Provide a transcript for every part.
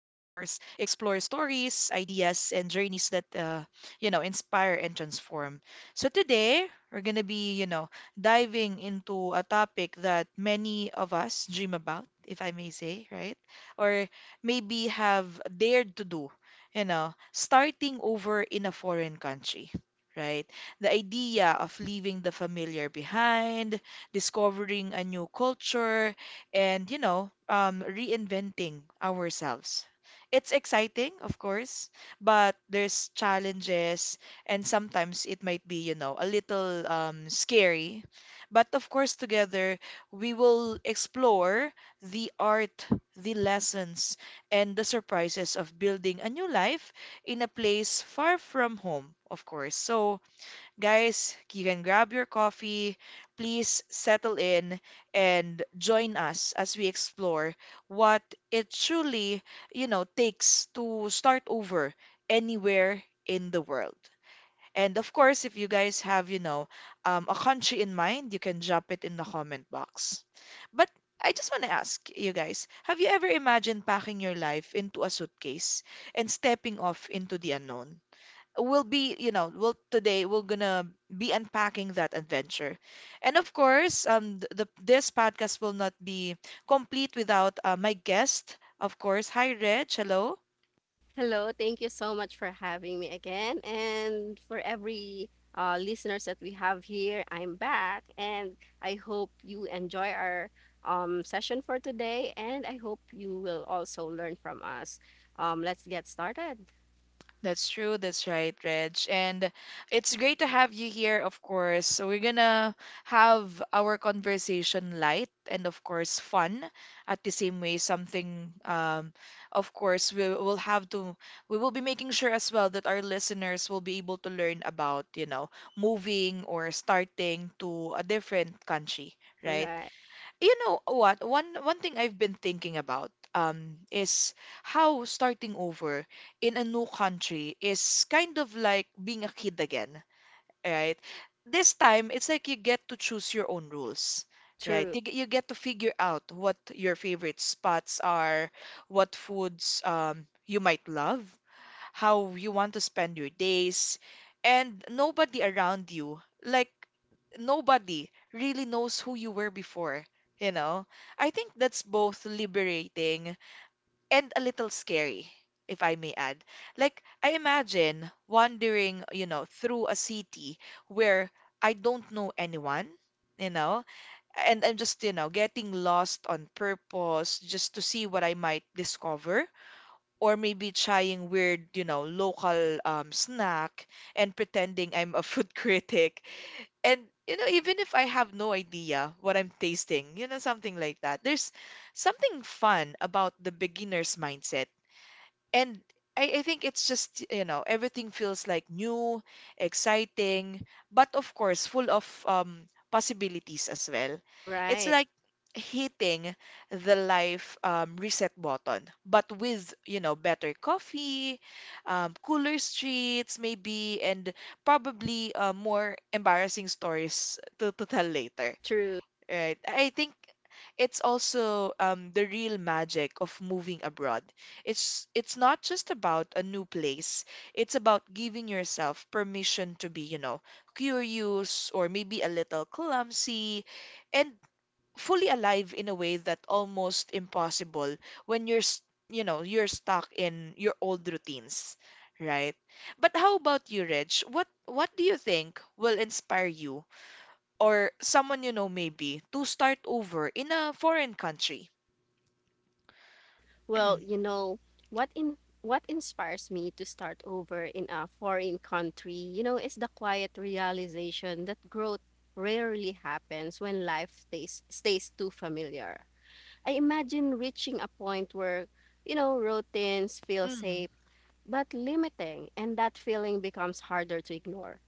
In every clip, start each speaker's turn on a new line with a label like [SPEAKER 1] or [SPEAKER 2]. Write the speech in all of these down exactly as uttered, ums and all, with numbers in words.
[SPEAKER 1] explore stories, ideas, and journeys that uh, you know, inspire and transform. So today, we're going to be, you know, diving into a topic that many of us dream about, if I may say, right? Or maybe have dared to do, you know, starting over in a foreign country, right? The idea of leaving the familiar behind, discovering a new culture, and, you know, um, reinventing ourselves. It's exciting, of course, but there's challenges, and sometimes it might be, you know, a little um, scary. But of course, together, we will explore the art, the lessons, and the surprises of building a new life in a place far from home, of course. So, guys, you can grab your coffee. Please settle in and join us as we explore what it truly, you know, takes to start over anywhere in the world. And of course, if you guys have, you know, um, a country in mind, you can drop it in the comment box. But I just want to ask you guys, have you ever imagined packing your life into a suitcase and stepping off into the unknown? We'll be, you know, we'll today we're gonna be unpacking that adventure. And of course, um, th- the this podcast will not be complete without uh, my guest. Of course, hi Reg, hello.
[SPEAKER 2] Hello, thank you so much for having me again. And for every uh, listeners that we have here, I'm back and I hope you enjoy our um, session for today. And I hope you will also learn from us. Um, let's get started.
[SPEAKER 1] That's true. That's right, Reg. And it's great to have you here, of course. So we're gonna have our conversation light and, of course, fun at the same way. Something, um, of course, we will have to, we will be making sure as well that our listeners will be able to learn about, you know, moving or starting to a different country, right?
[SPEAKER 2] Right.
[SPEAKER 1] You know what, one one thing I've been thinking about um is how starting over in a new country is kind of like being a kid again, right? This time it's like you get to choose your own rules, right?
[SPEAKER 2] True.
[SPEAKER 1] You, g- you get to figure out what your favorite spots are, what foods um you might love, how you want to spend your days, and nobody around you, like nobody really knows who you were before, you know? I think that's both liberating and a little scary, if I may add. Like, I imagine wandering, you know, through a city where I don't know anyone, you know, and I'm just, you know, getting lost on purpose just to see what I might discover, or maybe trying weird, you know, local um, snack and pretending I'm a food critic. And, you know, even if I have no idea what I'm tasting, you know, something like that, there's something fun about the beginner's mindset, and I, I think it's just, you know, everything feels like new, exciting, but of course, full of um, possibilities as well. It's
[SPEAKER 2] Right.
[SPEAKER 1] like hitting the life, um, reset button, but with, you know, better coffee, um, cooler streets, maybe, and probably uh, more embarrassing stories to, to tell later.
[SPEAKER 2] True.
[SPEAKER 1] Right. I think it's also, um, the real magic of moving abroad. It's it's not just about a new place. It's about giving yourself permission to be, you know, curious or maybe a little clumsy, and fully alive in a way that almost impossible when you're, s- you know, you're stuck in your old routines, right? But how about you, Reg? What what do you think will inspire you or someone you know maybe to start over in a foreign country?
[SPEAKER 2] Well, you know, what in what inspires me to start over in a foreign country, you know, is the quiet realization that growth rarely happens when life stays stays too familiar. I imagine reaching a point where, you know, routines feel
[SPEAKER 1] Mm,
[SPEAKER 2] safe but limiting, and that feeling becomes harder to ignore.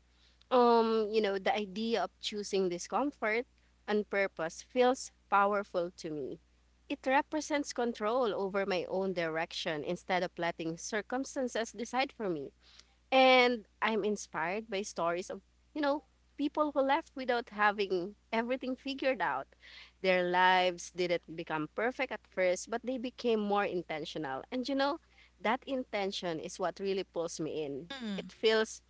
[SPEAKER 2] Um, you know, the idea of choosing discomfort and purpose feels powerful to me. It represents control over my own direction instead of letting circumstances decide for me. And I'm inspired by stories of, you know, people who left without having everything figured out. Their lives didn't become perfect at first, but they became more intentional. And you know, that intention is what really pulls me in.
[SPEAKER 1] mm,
[SPEAKER 2] It feels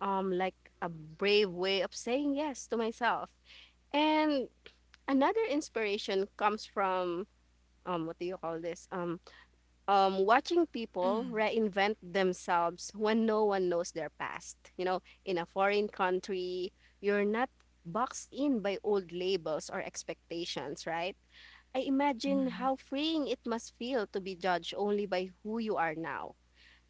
[SPEAKER 2] um like a brave way of saying yes to myself. And another inspiration comes from um what do you call this? Um um watching people
[SPEAKER 1] mm,
[SPEAKER 2] reinvent themselves when no one knows their past. You know, in a foreign country, you're not boxed in by old labels or expectations, right? I imagine
[SPEAKER 1] mm,
[SPEAKER 2] how freeing it must feel to be judged only by who you are now.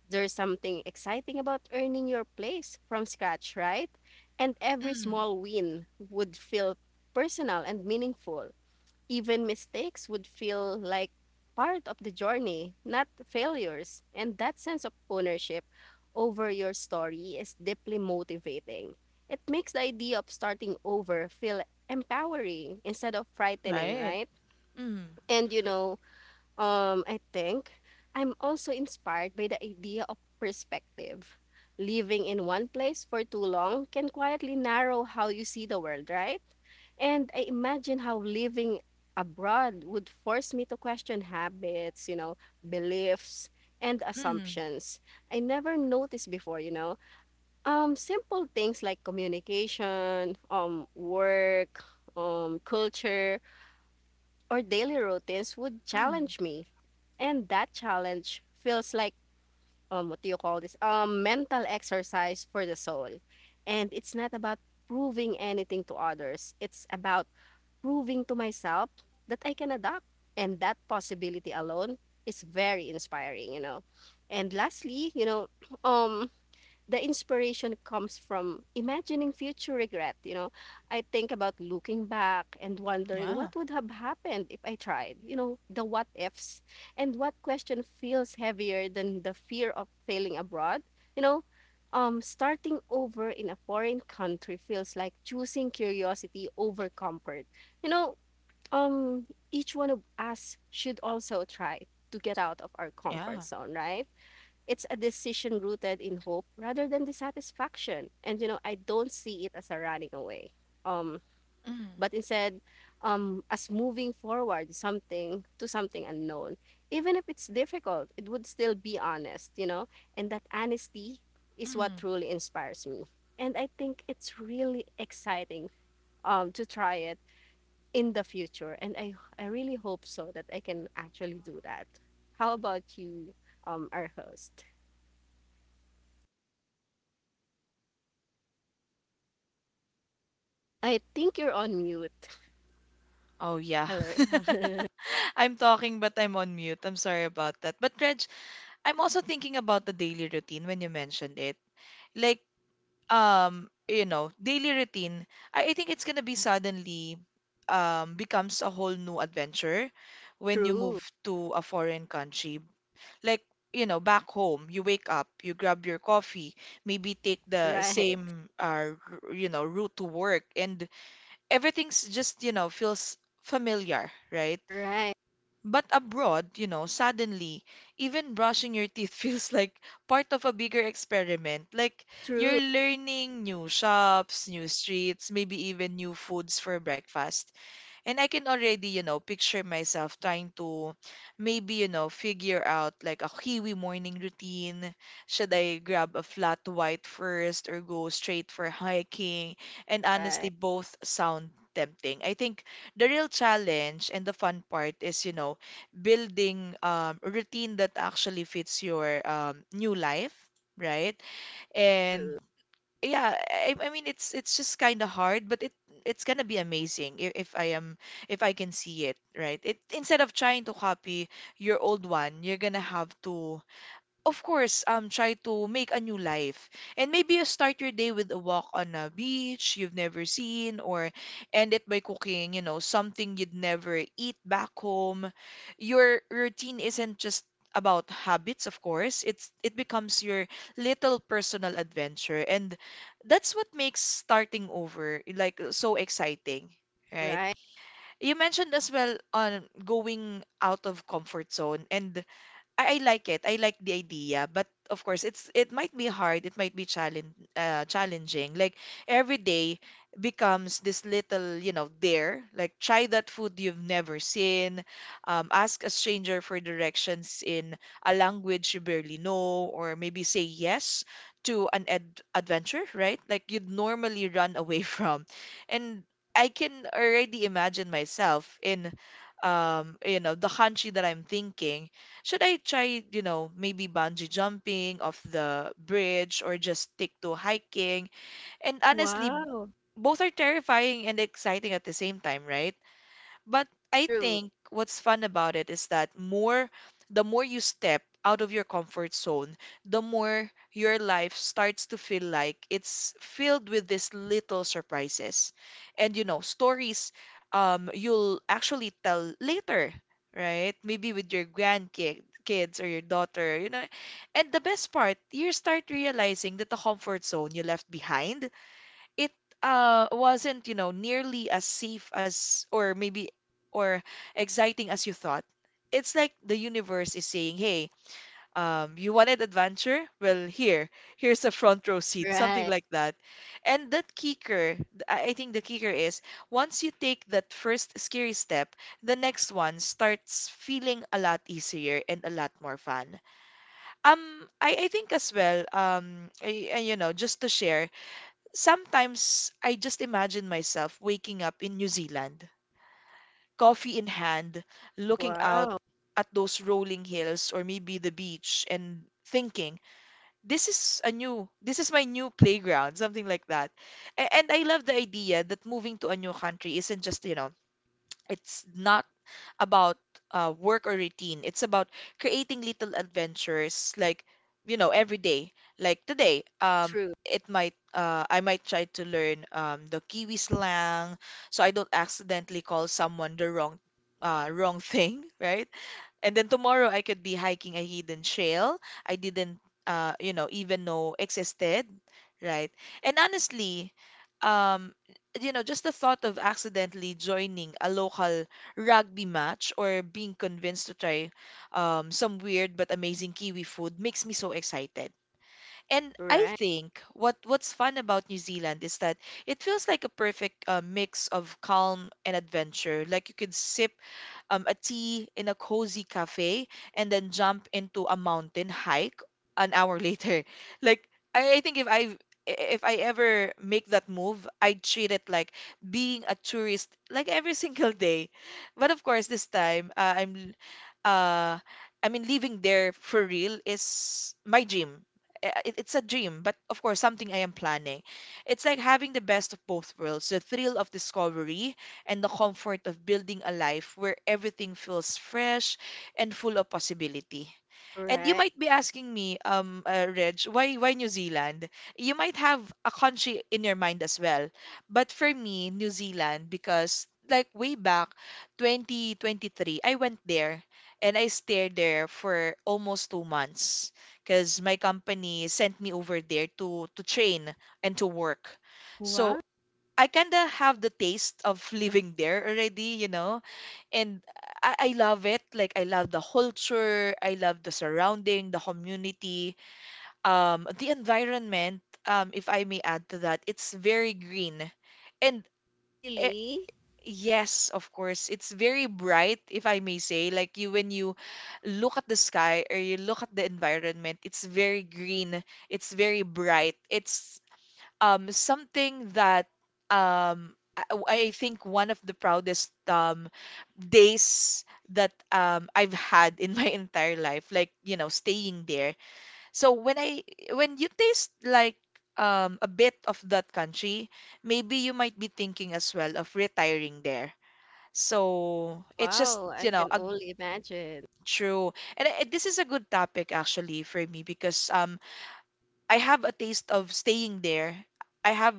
[SPEAKER 2] There's something exciting about earning your place from scratch, right? And every
[SPEAKER 1] mm.
[SPEAKER 2] small win would feel personal and meaningful. Even mistakes would feel like part of the journey, not failures. And that sense of ownership over your story is deeply motivating. It makes the idea of starting over feel empowering instead of frightening,
[SPEAKER 1] Right.
[SPEAKER 2] right?
[SPEAKER 1] Mm,
[SPEAKER 2] And you know, um, I think I'm also inspired by the idea of perspective. Living in one place for too long can quietly narrow how you see the world, right? And I imagine how living abroad would force me to question habits, you know, beliefs and
[SPEAKER 1] mm,
[SPEAKER 2] assumptions I never noticed before, you know. Um, simple things like communication, um, work, um, culture or daily routines would
[SPEAKER 1] mm.
[SPEAKER 2] challenge me. And that challenge feels like, um, what do you call this? Um, mental exercise for the soul. And it's not about proving anything to others, it's about proving to myself that I can adapt. And that possibility alone is very inspiring, you know. And lastly, you know, um, the inspiration comes from imagining future regret. You know, I think about looking back and wondering
[SPEAKER 1] Yeah,
[SPEAKER 2] what would have happened if I tried. You know, the what ifs and what question feels heavier than the fear of failing abroad. You know, um, starting over in a foreign country feels like choosing curiosity over comfort. You know, um, each one of us should also try to get out of our comfort
[SPEAKER 1] yeah.
[SPEAKER 2] zone, right? it's a decision rooted in hope rather than dissatisfaction. And you know, I don't see it as a running away. Um,
[SPEAKER 1] Mm,
[SPEAKER 2] but instead, um, as moving forward something to something unknown. Even if it's difficult, it would still be honest, you know, and that honesty is what
[SPEAKER 1] mm.
[SPEAKER 2] truly inspires me. And I think it's really exciting um to try it in the future. And I I really hope so that I can actually do that. How about you, um, our host? I think you're on mute.
[SPEAKER 1] Oh, yeah.
[SPEAKER 2] Hello.
[SPEAKER 1] I'm talking, but I'm on mute. I'm sorry about that. But Reg, I'm also thinking about the daily routine when you mentioned it. Like, um you know daily routine, I, I think it's gonna be suddenly, um becomes a whole new adventure when you move
[SPEAKER 2] True.
[SPEAKER 1] to a foreign country. Like, you know back home, you wake up, you grab your coffee, maybe take the
[SPEAKER 2] Right.
[SPEAKER 1] same uh r- you know route to work, and everything's just, you know feels familiar, right?
[SPEAKER 2] Right.
[SPEAKER 1] But abroad, you know, suddenly, even brushing your teeth feels like part of a bigger experiment. Like, you're
[SPEAKER 2] True.
[SPEAKER 1] learning new shops, new streets, maybe even new foods for breakfast. And I can already, you know, picture myself trying to maybe, you know, figure out like a Kiwi morning routine. Should I grab a flat white first or go straight for hiking? And honestly,
[SPEAKER 2] Right.
[SPEAKER 1] both sound tempting. I think the real challenge and the fun part is, you know, building um, a routine that actually fits your um, new life, right? And
[SPEAKER 2] True.
[SPEAKER 1] yeah, I, I mean it's it's just kind of hard, but it it's gonna be amazing, if, if I am if I can see it, right? It, instead of trying to copy your old one, you're gonna have to, of course, um, try to make a new life. And maybe you start your day with a walk on a beach you've never seen, or end it by cooking, you know, something you'd never eat back home. Your routine isn't just about habits, of course. It's it becomes your little personal adventure, and that's what makes starting over like so exciting, right?
[SPEAKER 2] Right.
[SPEAKER 1] You mentioned as well on going out of comfort zone, and I, I like it. I like the idea, but of course, it's it might be hard. It might be challenge uh, challenging. Like, every day becomes this little, you know, dare. Like, try that food you've never seen. Um, ask a stranger for directions in a language you barely know, or maybe say yes to an ad adventure, right? Like you'd normally run away from. And I can already imagine myself in, um, you know, the country that I'm thinking, should I try, you know, maybe bungee jumping off the bridge, or just stick to hiking? And honestly,
[SPEAKER 2] Wow.
[SPEAKER 1] both are terrifying and exciting at the same time, right? But I
[SPEAKER 2] True.
[SPEAKER 1] think what's fun about it is that, more the more you step out of your comfort zone, the more your life starts to feel like it's filled with these little surprises. And, you know, stories um you'll actually tell later, right? Maybe with your grandkid kids or your daughter, you know. And the best part, you start realizing that the comfort zone you left behind, it uh wasn't, you know, nearly as safe as, or maybe, or exciting as you thought. It's like the universe is saying, "Hey, um, you wanted adventure? Well, here, here's a front row seat," something
[SPEAKER 2] Right.
[SPEAKER 1] like that. And that kicker, th- I I think the kicker is, once you take that first scary step, the next one starts feeling a lot easier and a lot more fun. Um, I, I think as well, um, I, I- you know, just to share, sometimes I just imagine myself waking up in New Zealand, coffee in hand, looking out
[SPEAKER 2] Wow.
[SPEAKER 1] at those rolling hills or maybe the beach and thinking, this is a new, this is my new playground, something like that. A- And I love the idea that moving to a new country isn't just, you know, it's not about uh, work or routine. It's about creating little adventures, like, you know, every day. Like today, um,
[SPEAKER 2] True.
[SPEAKER 1] it might uh, I might try to learn um, the Kiwi slang, so I don't accidentally call someone the wrong uh, wrong thing, right? And then tomorrow I could be hiking a hidden trail I didn't uh you know even know existed, right? And honestly, um you know just the thought of accidentally joining a local rugby match, or being convinced to try um some weird but amazing Kiwi food, makes me so excited. And I
[SPEAKER 2] Right.
[SPEAKER 1] think what what's fun about New Zealand is that it feels like a perfect uh, mix of calm and adventure. Like, you could sip um, a tea in a cozy cafe, and then jump into a mountain hike an hour later. Like, I, I think if I if I ever make that move, I'd treat it like being a tourist like every single day. But of course, this time, uh, I'm uh I mean living there for real is my dream. I- It, it's a dream, but of course something I am planning. It's like having the best of both worlds, the thrill of discovery and the comfort of building a life where everything feels fresh and full of possibility. And you
[SPEAKER 2] Right.
[SPEAKER 1] might be asking me, um, uh, Reg, why why New Zealand? You might have a country in your mind as well, but for me, New Zealand, because like way back twenty twenty-three, I went there and I stayed there for almost two months because my company sent me over there to to train and to work.
[SPEAKER 2] Wow.
[SPEAKER 1] So I kinda have the taste of living there already, you know. And I, I love it. Like I love the culture, I love the surrounding, the community, um, the environment. Um, if I may add to that, it's very green, and eh,
[SPEAKER 2] Really?
[SPEAKER 1] yes, of course, it's very bright. If I may say, like you when you look at the sky or you look at the environment, it's very green, it's very bright, it's um something that um I, I think one of the proudest um days that um I've had in my entire life, like, you know, staying there. So when I when you taste like um a bit of that country, maybe you might be thinking as well of retiring there. So it's just,
[SPEAKER 2] Wow. I
[SPEAKER 1] you know
[SPEAKER 2] can
[SPEAKER 1] a
[SPEAKER 2] only imagine.
[SPEAKER 1] true and I, this is a good topic actually for me because um I have a taste of staying there. I have,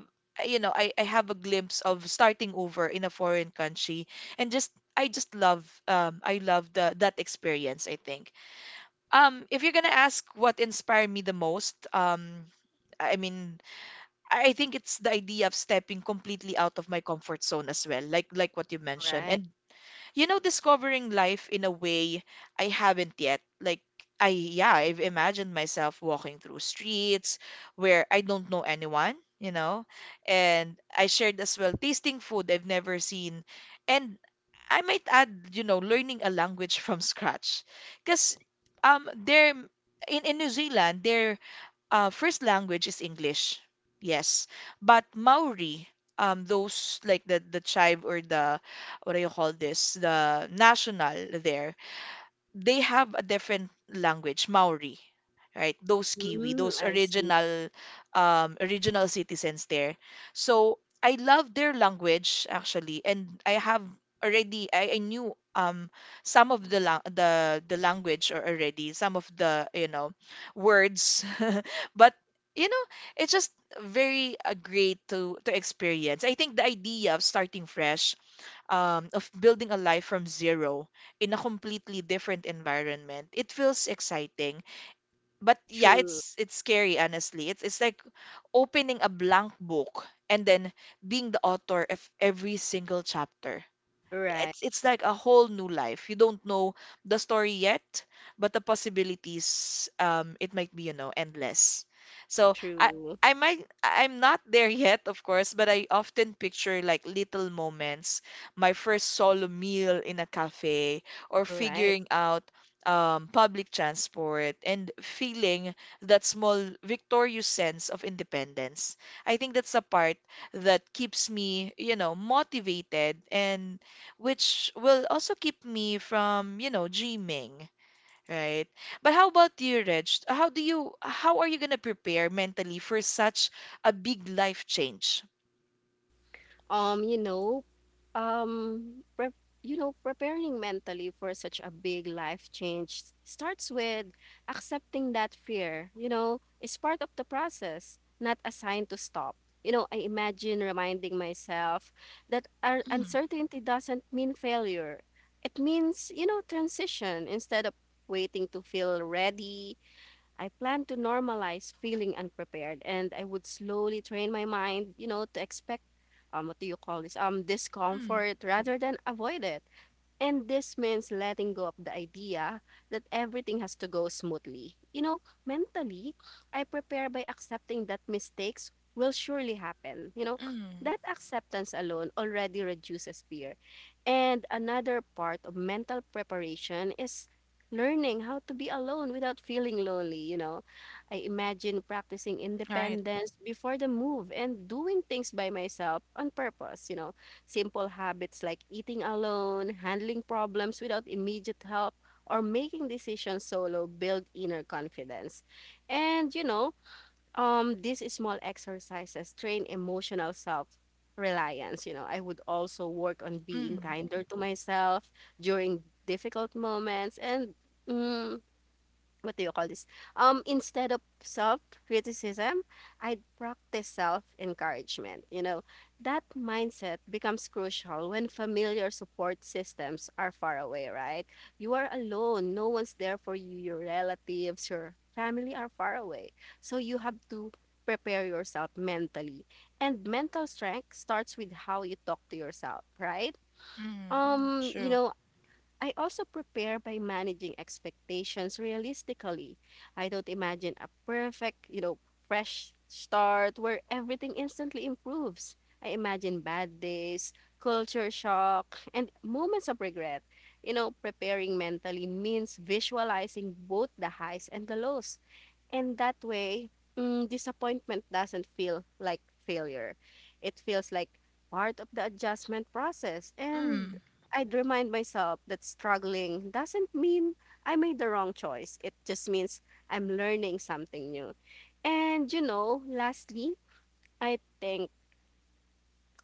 [SPEAKER 1] you know, I, I have a glimpse of starting over in a foreign country, and just I just love, um I love the that experience, I think. Um if you're gonna ask what inspired me the most, um I mean, I I think it's the idea of stepping completely out of my comfort zone as well, like, like what you mentioned,
[SPEAKER 2] Right.
[SPEAKER 1] and, you know, discovering life in a way I haven't yet. Like, I, yeah, I've imagined myself walking through streets where I don't know anyone, you know, and I shared as well tasting food I've never seen. And I might add, you know, learning a language from scratch. Because um, there, in, in New Zealand, there uh, first language is English, yes. But Maori, um, those like the the tribe or the what do you call this? The national there, they have a different language, Maori, right? Those Kiwi,
[SPEAKER 2] Mm,
[SPEAKER 1] those
[SPEAKER 2] I see.
[SPEAKER 1] original um, original citizens there. So I love their language actually, and I have already I, I knew, um some of the lang the the language, or already some of the, you know words, but, you know it's just very uh, great to to experience. I think the idea of starting fresh, um, of building a life from zero in a completely different environment. It feels exciting, but yeah,
[SPEAKER 2] True.
[SPEAKER 1] it's it's scary honestly. It's it's like opening a blank book and then being the author of every single chapter.
[SPEAKER 2] Right.
[SPEAKER 1] It's it's like a whole new life. You don't know the story yet, but the possibilities, um it might be, you know, endless. So I
[SPEAKER 2] True.
[SPEAKER 1] I might I'm not there yet, of course, but I often picture like little moments, my first solo meal in a cafe, or
[SPEAKER 2] Right.
[SPEAKER 1] figuring out um, public transport and feeling that small victorious sense of independence. I think that's the part that keeps me, you know, motivated, and which will also keep me from, you know, dreaming, right? But how about you, Reg? How do you, how are you gonna prepare mentally for such a big life change?
[SPEAKER 2] um you know um pre- you know preparing mentally for such a big life change s- starts with accepting that fear, you know, is part of the process, not a sign to stop. You know, i imagine reminding myself that our
[SPEAKER 1] Mm,
[SPEAKER 2] uncertainty doesn't mean failure, it means, you know, transition instead of waiting to feel ready. I plan to normalize feeling unprepared and I would slowly train my mind, you know, to expect um what do you call this? Um
[SPEAKER 1] mm,
[SPEAKER 2] discomfort rather than avoid it. And this means letting go of the idea that everything has to go smoothly. You know, mentally, I prepare by accepting that mistakes will surely happen. You know,
[SPEAKER 1] mm.
[SPEAKER 2] that acceptance alone already reduces fear. And another part of mental preparation is learning how to be alone without feeling lonely. You know, I imagine practicing
[SPEAKER 1] Right.
[SPEAKER 2] independence before the move and doing things by myself on purpose. You know, simple habits like eating alone, handling problems without immediate help, or making decisions solo build inner confidence. And you know, um, these small exercises train emotional self reliance. You know, I would also work on being
[SPEAKER 1] Mm,
[SPEAKER 2] kinder to myself during difficult moments. And mm, what do you call this? Um, instead of self criticism, I'd practice self encouragement. You know, that mindset becomes crucial when familiar support systems are far away, right? You are alone, no one's there for you, your relatives, your family are far away. So you have to prepare yourself mentally. And mental strength starts with how you talk to yourself, right? Mm.
[SPEAKER 1] mm.
[SPEAKER 2] Um, you
[SPEAKER 1] True.
[SPEAKER 2] know, I also prepare by managing expectations realistically. I don't imagine a perfect, you know, fresh start where everything instantly improves. I imagine bad days, culture shock, and moments of regret. You know, preparing mentally means visualizing both the highs and the lows, and that way, mm, disappointment doesn't feel like failure. It feels like part of the adjustment process. And
[SPEAKER 1] Mm,
[SPEAKER 2] I'd remind myself that struggling doesn't mean I made the wrong choice. It just means I'm learning something new. And you know, lastly, I think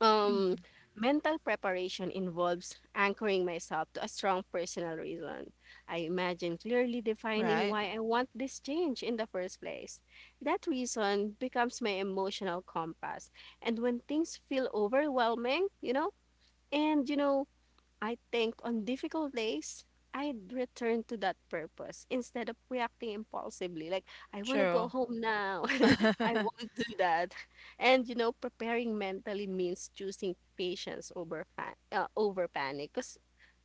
[SPEAKER 2] um,
[SPEAKER 1] mm.
[SPEAKER 2] mental preparation involves anchoring myself to a strong personal reason. I imagine clearly defining
[SPEAKER 1] Right.
[SPEAKER 2] why I want this change in the first place. That reason becomes my emotional compass. And when things feel overwhelming, you know, and you know, I think on difficult days, I'd return to that purpose instead of reacting impulsively. Like, I want to go
[SPEAKER 1] True.
[SPEAKER 2] home now. I won't do that. And, you know, preparing mentally means choosing patience over fa- uh, over panic. Because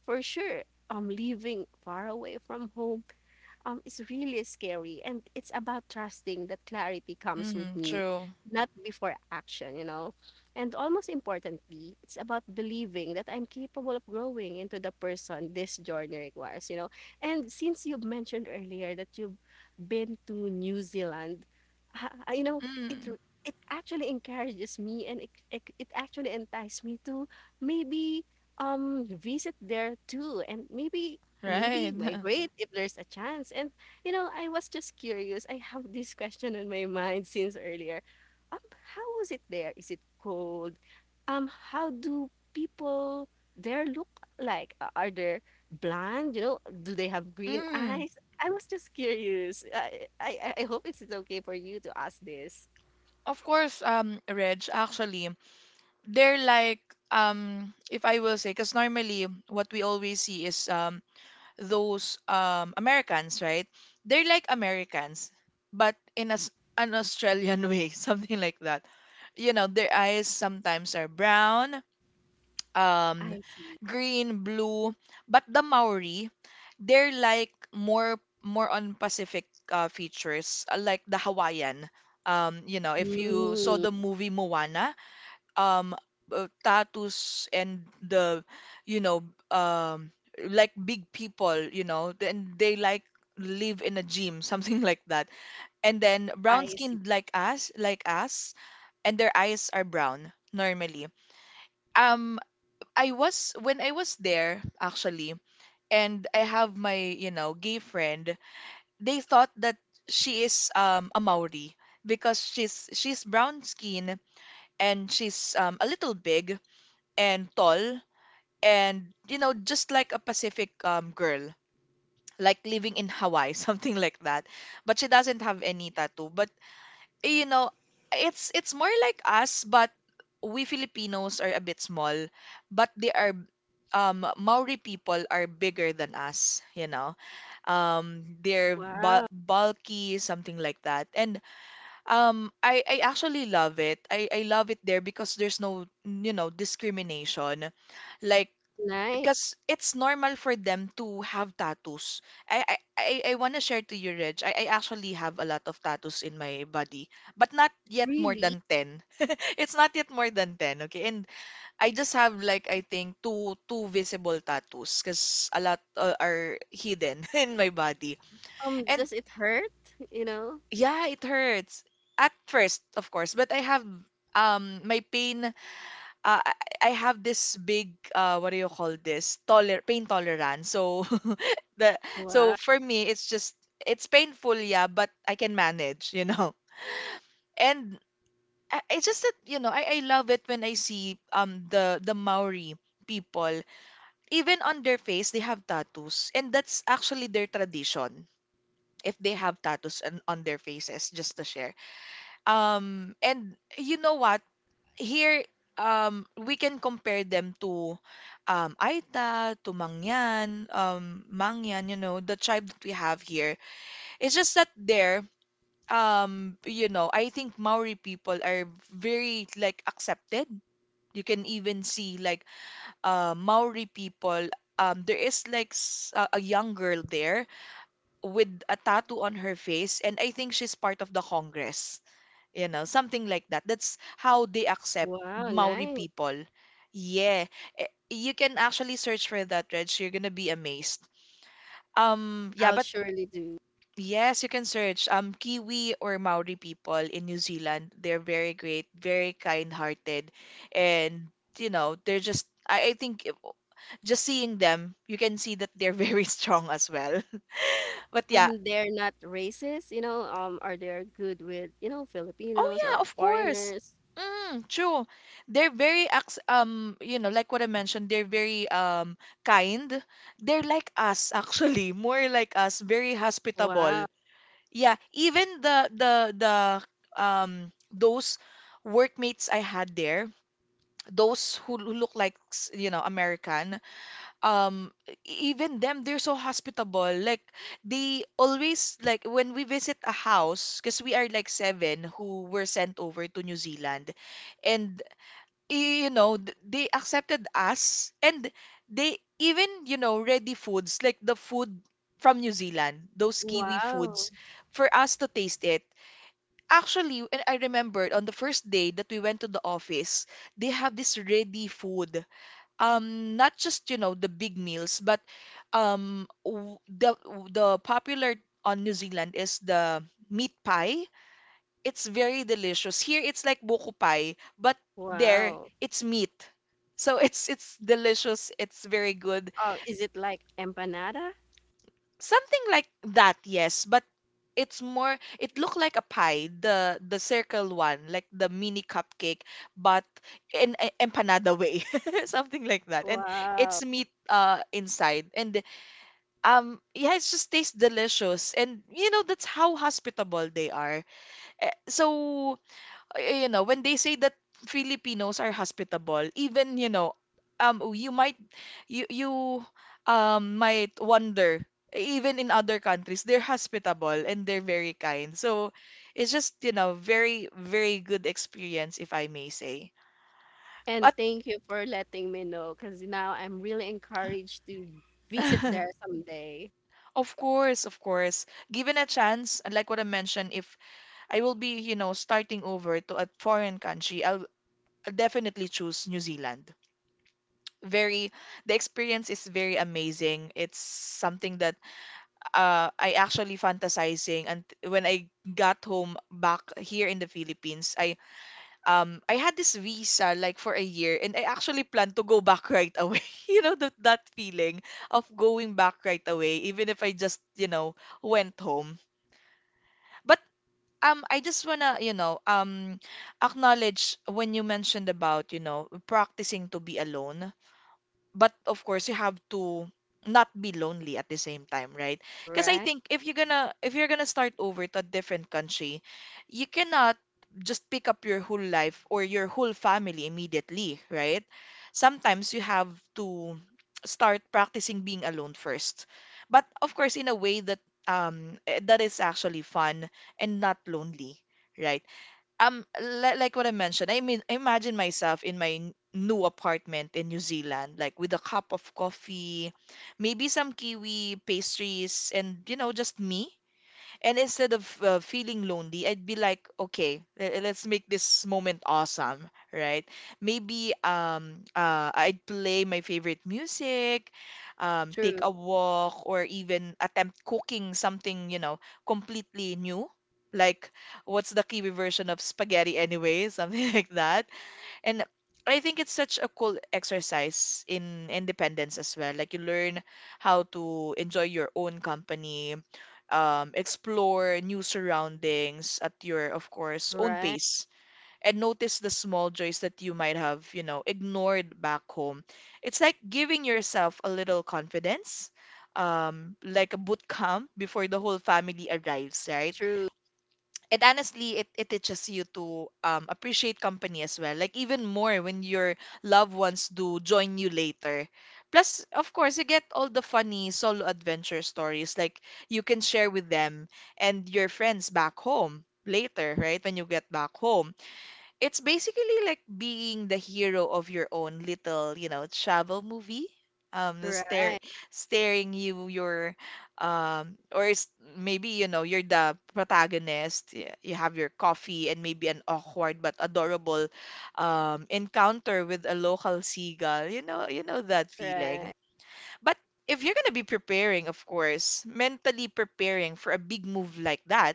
[SPEAKER 2] for sure, um, living far away from home um, is really scary. And it's about trusting that clarity comes with
[SPEAKER 1] Mm,
[SPEAKER 2] me,
[SPEAKER 1] true.
[SPEAKER 2] not before action, you know. And almost importantly, it's about believing that I'm capable of growing into the person this journey requires, you know. And since you mentioned earlier that you've been to New Zealand, you know, it
[SPEAKER 1] Mm,
[SPEAKER 2] r- it actually encourages me and it, it, it actually entices me to maybe um visit there too and maybe maybe
[SPEAKER 1] right.
[SPEAKER 2] migrate if there's a chance. And you know, I was just curious. I have this question in my mind since earlier. Um, how was it there? Is it cold? Um, how do people there look like? A- Are they blonde? You know, do they have green
[SPEAKER 1] Mm.
[SPEAKER 2] eyes? I was just curious. I I, I I hope it's okay for you to ask this.
[SPEAKER 1] Of course, um, Reg, actually, they're like, um if I will say, because normally what we always see is, um those, um Americans, right? They're like Americans, but in, as an Australian way, something like that. You know their eyes sometimes are brown, um
[SPEAKER 2] I
[SPEAKER 1] green, blue, but the Maori, they're like, more more on Pacific uh, features, uh, like the Hawaiian. Um you know if you saw
[SPEAKER 2] mm,
[SPEAKER 1] the movie Moana, um uh, tattoos and the, you know um like big people, you know then they like live in a gym, something like that, and then brown
[SPEAKER 2] I see.
[SPEAKER 1] skinned like us like us, and their eyes are brown normally. um I was, when I was there actually, and I have my, you know gay friend, they thought that she is, um a Maori because she's she's brown skin, and she's, um a little big and tall, and, you know just like a Pacific, um girl, like living in Hawaii, something like that. But she doesn't have any tattoo, but eh, you know it's it's more like us. But we Filipinos are a bit small, but they are um Maori people are bigger than us, you know um they're bu
[SPEAKER 2] Wow,
[SPEAKER 1] bulky, something like that. And um I I actually love it, I I love it there because there's no, you know discrimination, like
[SPEAKER 2] nice.
[SPEAKER 1] because it's normal for them to have tattoos. I I I, I want to share to you, Reg. I, I actually have a lot of tattoos in my body, but not yet more
[SPEAKER 2] Really?
[SPEAKER 1] than ten. It's not yet more than ten, okay? And I just have like, I think, two two visible tattoos because a lot, uh, are hidden in my body.
[SPEAKER 2] Um,
[SPEAKER 1] And
[SPEAKER 2] does it hurt? You know?
[SPEAKER 1] yeah, it hurts at first, of course, but I have, um my pain, uh, I I have this big, uh what do you call this, toler pain tolerance. So the so
[SPEAKER 2] Wow.
[SPEAKER 1] for me, it's just, it's painful, yeah, but I can manage, you know and I- it's just that, you know I, I love it when I see, um the the Maori people. Even on their face, they have tattoos, and that's actually their tradition, if they have tattoos on, on their faces, just to share, um and you know what, here, um we can compare them to, um Aita, to Mangyan, um Mangyan, you know, the tribe that we have here. It's just that there um you know, I think Maori people are very like accepted. You can even see like, uh Maori people, um there is like s- a a young girl there with a tattoo on her face, and I think she's part of the Congress, you know something like that. That's how they accept
[SPEAKER 2] Wow,
[SPEAKER 1] Maori
[SPEAKER 2] nice.
[SPEAKER 1] people, yeah. Eh, you can actually search for that, Reg, you're gonna be amazed, um yeah,
[SPEAKER 2] I'll
[SPEAKER 1] but
[SPEAKER 2] surely do.
[SPEAKER 1] yes, you can search, um Kiwi or Maori people in New Zealand. They're very great, very kind-hearted, and, you know they're just, I I think if- just seeing them, you can see that they're very strong as well. But yeah,
[SPEAKER 2] And they're not racist, you know, um, are they good with, you know,
[SPEAKER 1] oh
[SPEAKER 2] Filipinos
[SPEAKER 1] yeah,
[SPEAKER 2] or
[SPEAKER 1] of course.
[SPEAKER 2] foreigners?
[SPEAKER 1] Mm, true. They're very acc- um, you know, like what I mentioned, they're very, um kind. They're like us actually, more like us, very
[SPEAKER 2] Wow.
[SPEAKER 1] hospitable. Yeah, even the the the um those workmates I had there, those who l- look like, s- you know, American, um e- even them, they're so hospitable. Like, they always, like when we visit a house, because we are like seven who were sent over to New Zealand, and y- you know, th- they accepted us, and they even, you know ready foods, like the food from New Zealand, those kiwi
[SPEAKER 2] Wow.
[SPEAKER 1] foods, for us to taste it, actually. And I remembered, on the first day that we went to the office, they have this ready food, um not just, you know the big meals, but um w- the the popular on New Zealand is the meat pie. It's very delicious. Here it's like buko pie, but there
[SPEAKER 2] Wow.
[SPEAKER 1] it's meat. So it's it's delicious. It's very good.
[SPEAKER 2] Oh, is it like empanada?
[SPEAKER 1] Something like that, yes, but it's more, it looked like a pie, the the circle one, like the mini cupcake, but in, a- empanada way. Something like that. And
[SPEAKER 2] Wow.
[SPEAKER 1] it's meat, uh inside. And Um, yeah, it just tastes delicious. And you know, that's how hospitable they are. Eh, So, eh, you know, when they say that Filipinos are hospitable, even, you know, um you might you you um might wonder, even in other countries they're hospitable and they're very kind. So, it's just, you know, very very good experience, if I may say.
[SPEAKER 2] And
[SPEAKER 1] But
[SPEAKER 2] thank you for letting me know because now I'm really encouraged to visit there someday.
[SPEAKER 1] of course, of course, given a chance, like what I mentioned, if I will be, you know, starting over to a foreign country, I'll definitely choose New Zealand. Very, the experience is very amazing. It's something that uh, I actually fantasizing. And when I got home back here in the Philippines, I um I had this visa like for a year, and I actually plan to go back right away. You know that that feeling of going back right away, even if I just, you know went home. But um I just wanna, you know, um acknowledge when you mentioned about, you know, practicing to be alone, but of course you have to not be lonely at the same time, right? Because I
[SPEAKER 2] Right?
[SPEAKER 1] think if you're gonna if you're gonna start over to a different country, you cannot just pick up your whole life or your whole family immediately, right? Sometimes you have to start practicing being alone first. But of course, in a way that um eh, that is actually fun and not lonely, right? um li- like what I mentioned, I mean, imagine myself in my n- new apartment in New Zealand, like with a cup of coffee, maybe some kiwi pastries, and you know, just me and instead of uh, feeling lonely, I'd be like, okay, le- let's make this moment awesome, right? Maybe um, uh, I'd play my favorite music, um, take
[SPEAKER 2] True.
[SPEAKER 1] a walk, or even attempt cooking something, you know, completely new. Like, what's the kiwi version of spaghetti anyway? Something like that. And I think it's such a cool exercise in independence as well. Like you learn how to enjoy your own company, um, explore new surroundings at your, of course, own
[SPEAKER 2] Right?
[SPEAKER 1] pace, and notice the small joys that you might have, you know, ignored back home. It's like giving yourself a little confidence, um, like a boot camp before the whole family arrives, right?
[SPEAKER 2] True.
[SPEAKER 1] And honestly, it, it teaches you to um, appreciate company as well. Like even more when your loved ones do join you later. Plus, of course, you get all the funny solo adventure stories like you can share with them and your friends back home later, right? When you get back home it's basically like being the hero of your own little, you know, travel movie. Um, stare,
[SPEAKER 2] Right.
[SPEAKER 1] Staring you, your, um, or s- maybe you know you're the protagonist. y- You have your coffee and maybe an awkward but adorable, um, encounter with a local seagull. You know, you know that
[SPEAKER 2] Right.
[SPEAKER 1] feeling. But if you're gonna be preparing, of course, mentally preparing for a big move like that,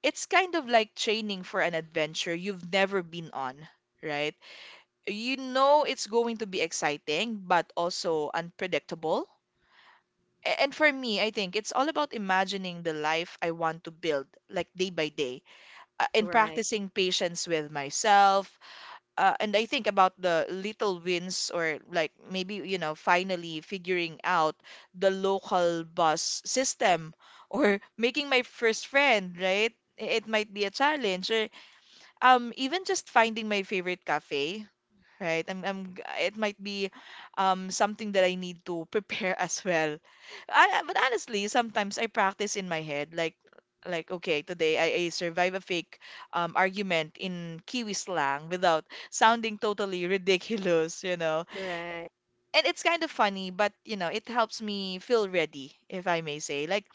[SPEAKER 1] it's kind of like training for an adventure you've never been on, right? You know it's going to be exciting, but also unpredictable. A- And for me, I think it's all about imagining the life I want to build, like day by day, uh, and
[SPEAKER 2] Right.
[SPEAKER 1] practicing patience with myself. Uh, and I think about the little wins, or like maybe, you know, finally figuring out the local bus system or making my first friend, right? I- It might be a challenge, or um even just finding my favorite cafe, right? I'm, I'm, it might be um something that I need to prepare as well. I, but honestly, sometimes I practice in my head, like like okay, today I, I survive a fake um, argument in Kiwi slang without sounding totally ridiculous, you know.
[SPEAKER 2] Right.
[SPEAKER 1] And it's kind of funny, but you know it helps me feel ready, if I may say. Like,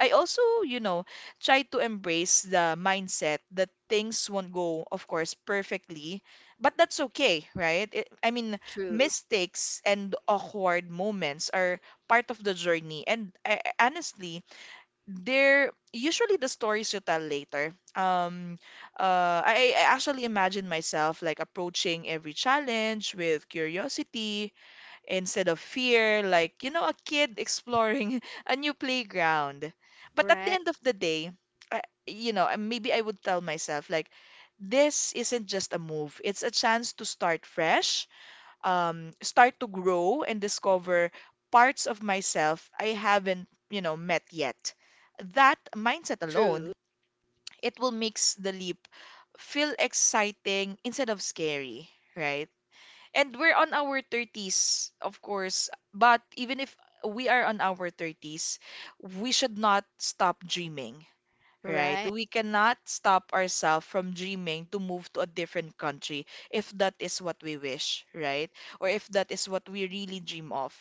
[SPEAKER 1] I also, you know, try to embrace the mindset that things won't go, of course, perfectly, but that's okay, right? It, I mean,
[SPEAKER 2] True.
[SPEAKER 1] mistakes and awkward moments are part of the journey, and I, I- honestly, they're usually the stories you tell later. Um, uh, I, I actually imagine myself like approaching every challenge with curiosity, instead of fear, like, you know, a kid exploring a new playground. But at the
[SPEAKER 2] Right.
[SPEAKER 1] end of the day, I, you know, uh, maybe I would tell myself, like, this isn't just a move, it's a chance to start fresh, um, start to grow and discover parts of myself I haven't, you know, met yet. That mindset
[SPEAKER 2] True.
[SPEAKER 1] alone, it will make the leap feel exciting instead of scary, right? And we're on our thirties, of course. But even if we are on our thirties, we should not stop dreaming, right?
[SPEAKER 2] Right.
[SPEAKER 1] We cannot stop ourselves from dreaming to move to a different country if that is what we wish, right? Or if that is what we really dream of.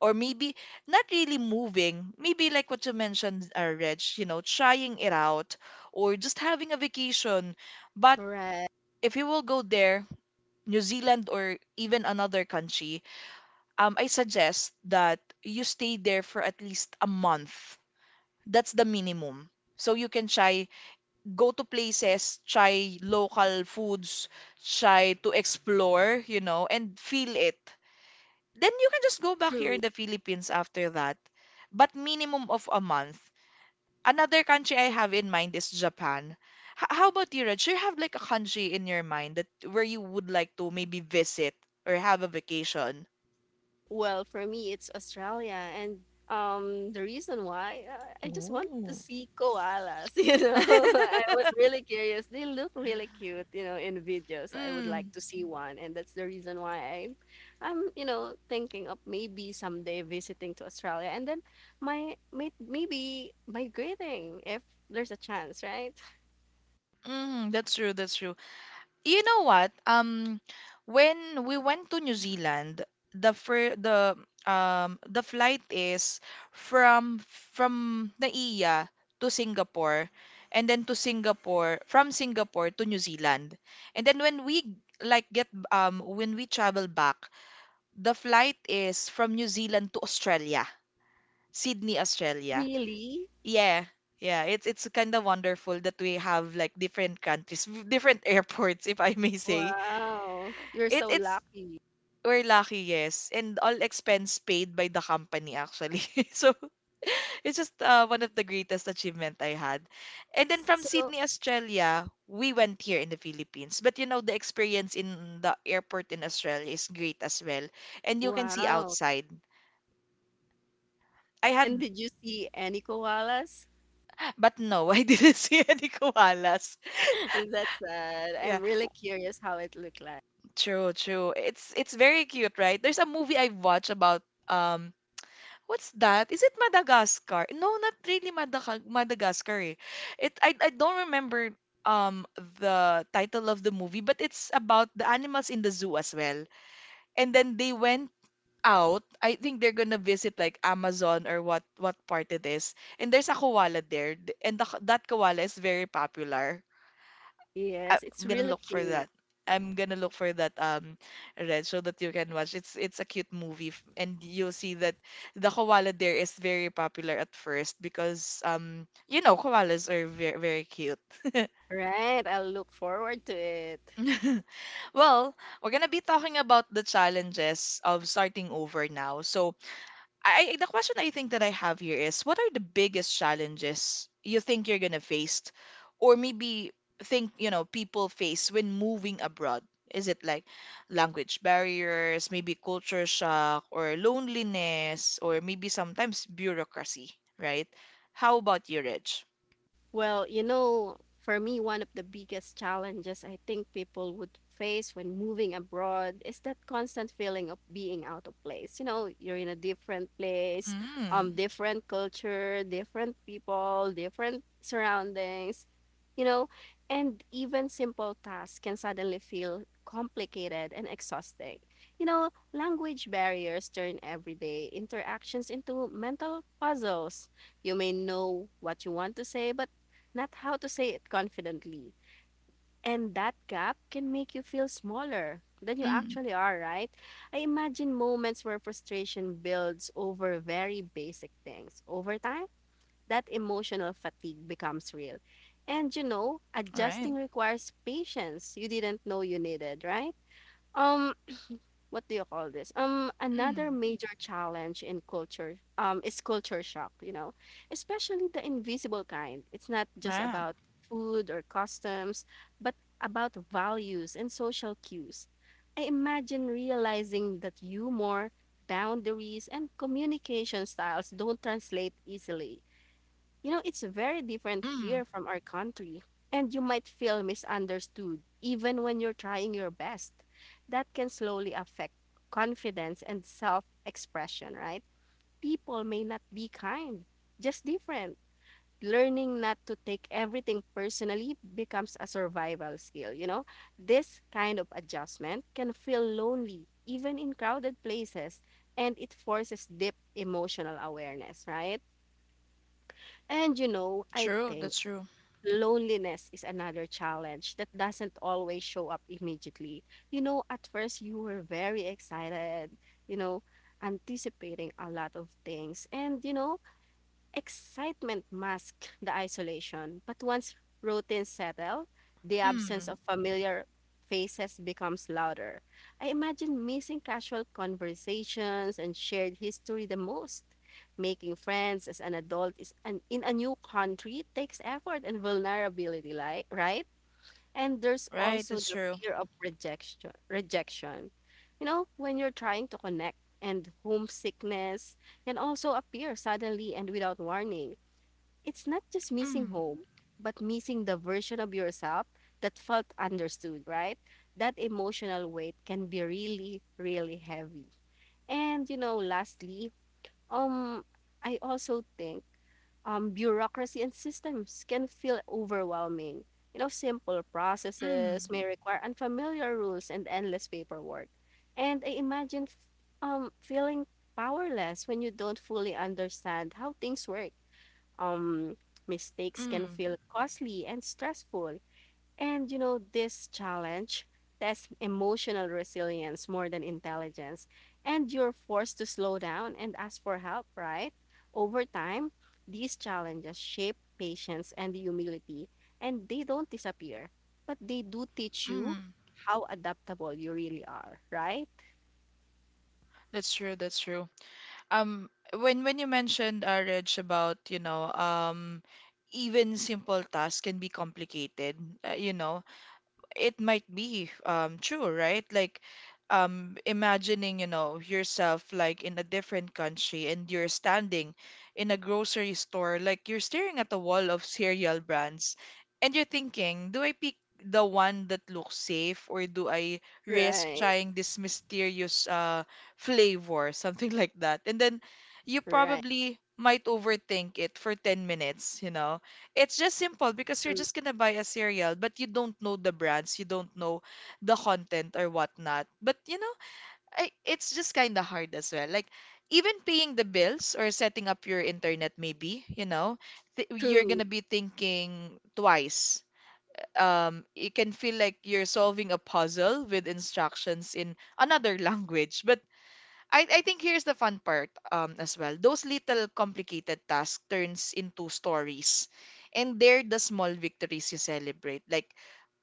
[SPEAKER 1] Or maybe not really moving, maybe like what you mentioned, uh, Reg, you know, trying it out or just having a vacation. But
[SPEAKER 2] Right.
[SPEAKER 1] if you will go there, New Zealand or even another country, um, I suggest that you stay there for at least a month. That's the minimum. So you can try, go to places, try local foods, try to explore, you know, and feel it. Then you can just go back here
[SPEAKER 2] True.
[SPEAKER 1] in the Philippines after that. But minimum of a month. Another country I have in mind is Japan. H- how about you, Reg? Do you have like a country in your mind that where you would like to maybe visit or have a vacation?
[SPEAKER 2] Well, for me, it's Australia, and um, the reason why uh, I just want to
[SPEAKER 1] Ooh.
[SPEAKER 2] see koalas. You know, I was really curious. They look really cute, you know, in videos. I would like
[SPEAKER 1] Mm,
[SPEAKER 2] to see one, and that's the reason why I'm, I'm, you know, thinking of maybe someday visiting to Australia, and then my, may maybe migrating if there's a chance, right?
[SPEAKER 1] mm, that's true, that's true. You know what? Um, when we went to New Zealand, the fir the um the flight is from from Naiya to Singapore, and then to Singapore from Singapore to New Zealand, and then when we like get um when we travel back, the flight is from New Zealand to Australia, Sydney, Australia.
[SPEAKER 2] Really?
[SPEAKER 1] Yeah. Yeah, it's it's kind of wonderful that we have like different countries, different airports, if I may say.
[SPEAKER 2] Wow, you're
[SPEAKER 1] It
[SPEAKER 2] so
[SPEAKER 1] it's
[SPEAKER 2] lucky.
[SPEAKER 1] we're lucky, yes. And all expense paid by the company actually. So it's just uh, one of the greatest achievement I had. And then from
[SPEAKER 2] So,
[SPEAKER 1] Sydney, Australia, we went here in the Philippines. But you know, the experience in the airport in Australia is great as well. And you can see
[SPEAKER 2] wow.
[SPEAKER 1] outside. I
[SPEAKER 2] And
[SPEAKER 1] had,
[SPEAKER 2] did you see any koalas?
[SPEAKER 1] but no, I didn't see any koalas.
[SPEAKER 2] Is that sad?
[SPEAKER 1] Yeah,
[SPEAKER 2] I'm really curious how it looked like.
[SPEAKER 1] true, true. It's it's very cute, right? There's a movie I've watched about um what's that? Is it Madagascar? No, not really Madaga- Madagascar. Eh. It I I don't remember um the title of the movie, but it's about the animals in the zoo as well. And then they went out. I think they're gonna visit like Amazon or what what part it is. And there's a koala there, th- and the, that koala is very popular. I-
[SPEAKER 2] Yes, it's
[SPEAKER 1] I'm gonna
[SPEAKER 2] really
[SPEAKER 1] look for
[SPEAKER 2] cute.
[SPEAKER 1] that. I'm gonna look for that um red so that you can watch. It's it's a cute movie f- and you'll see that the koala there is very popular at first because um you know koalas are very very cute.
[SPEAKER 2] Right, I'll look forward to it.
[SPEAKER 1] Well, we're gonna be talking about the challenges of starting over now. So I the question I think that I have here is what are the biggest challenges you think you're gonna face or maybe think, you know, people face when moving abroad? Is it like language barriers, maybe culture shock or loneliness or maybe sometimes bureaucracy, right? How about you, Reg?
[SPEAKER 2] Well, you know, for me, one of the biggest challenges I think people would face when moving abroad is that constant feeling of being out of place. You know, you're in a different place, um,
[SPEAKER 1] Mm.
[SPEAKER 2] different culture, different people, different surroundings, you know, and even simple tasks can suddenly feel complicated and exhausting. You know, language barriers turn everyday interactions into mental puzzles. You may know what you want to say, but not how to say it confidently. And that gap can make you feel smaller than you
[SPEAKER 1] Mm.
[SPEAKER 2] actually are, right? I imagine moments where frustration builds over very basic things. Over time, that emotional fatigue becomes real. And you know, adjusting
[SPEAKER 1] Right.
[SPEAKER 2] requires patience you didn't know you needed, right? Um what do you call this? Um, another
[SPEAKER 1] Mm.
[SPEAKER 2] major challenge in culture, um, is culture shock, you know, especially the invisible kind. It's not just
[SPEAKER 1] Yeah.
[SPEAKER 2] about food or customs, but about values and social cues. I imagine realizing that humor, boundaries, and communication styles don't translate easily. You know, it's very different
[SPEAKER 1] Mm.
[SPEAKER 2] here from our country, and you might feel misunderstood even when you're trying your best. That can slowly affect confidence and self expression, right? People may not be kind, just different. Learning not to take everything personally becomes a survival skill, you know? This kind of adjustment can feel lonely, even in crowded places, and it forces deep emotional awareness, right? And you know, I
[SPEAKER 1] True,
[SPEAKER 2] think
[SPEAKER 1] that's true.
[SPEAKER 2] loneliness is another challenge that doesn't always show up immediately. You know, at first you were very excited, you know, anticipating a lot of things. And, you know, excitement masks the isolation, but once routines settle, the absence
[SPEAKER 1] Mm.
[SPEAKER 2] of familiar faces becomes louder. I imagine missing casual conversations and shared history the most. Making friends as an adult is an, in a new country takes effort and vulnerability, like, right? And there's
[SPEAKER 1] Right,
[SPEAKER 2] also
[SPEAKER 1] that's
[SPEAKER 2] the
[SPEAKER 1] true.
[SPEAKER 2] fear of rejection. Rejection. You know, when you're trying to connect. And homesickness can also appear suddenly and without warning. It's not just missing
[SPEAKER 1] Mm.
[SPEAKER 2] home, but missing the version of yourself that felt understood, right? That emotional weight can be really, really heavy. And you know, lastly, um I also think um, bureaucracy and systems can feel overwhelming. You know, simple processes
[SPEAKER 1] Mm.
[SPEAKER 2] may require unfamiliar rules and endless paperwork. And I imagine f- um, feeling powerless when you don't fully understand how things work. Um, Mistakes can
[SPEAKER 1] Mm.
[SPEAKER 2] feel costly and stressful, and you know, this challenge tests emotional resilience more than intelligence. And you're forced to slow down and ask for help, right? Over time, these challenges shape patience and humility, and they don't disappear, but they do teach you
[SPEAKER 1] Mm.
[SPEAKER 2] how adaptable you really are, right?
[SPEAKER 1] That's true, that's true. Um, when when you mentioned, uh, Reg, about, you know, um, even simple tasks can be complicated, uh, you know, it might be um true, right? Like um imagining, you know, yourself like in a different country and you're standing in a grocery store, like you're staring at a wall of cereal brands and you're thinking, do I pick the one that looks safe or do I risk
[SPEAKER 2] Right,
[SPEAKER 1] trying this mysterious uh flavor, something like that? And then you
[SPEAKER 2] right.
[SPEAKER 1] probably might overthink it for ten minutes, you know? It's just simple because you're just gonna buy a cereal, but you don't know the brands, you don't know the content or whatnot. But you know, I, it's just kind of hard as well. Like even paying the bills or setting up your internet, maybe you know, th you're
[SPEAKER 2] True,
[SPEAKER 1] gonna be thinking twice. Um, it can feel like you're solving a puzzle with instructions in another language, but I, I think here's the fun part um, as well. Those little complicated tasks turns into stories. And they're the small victories you celebrate. Like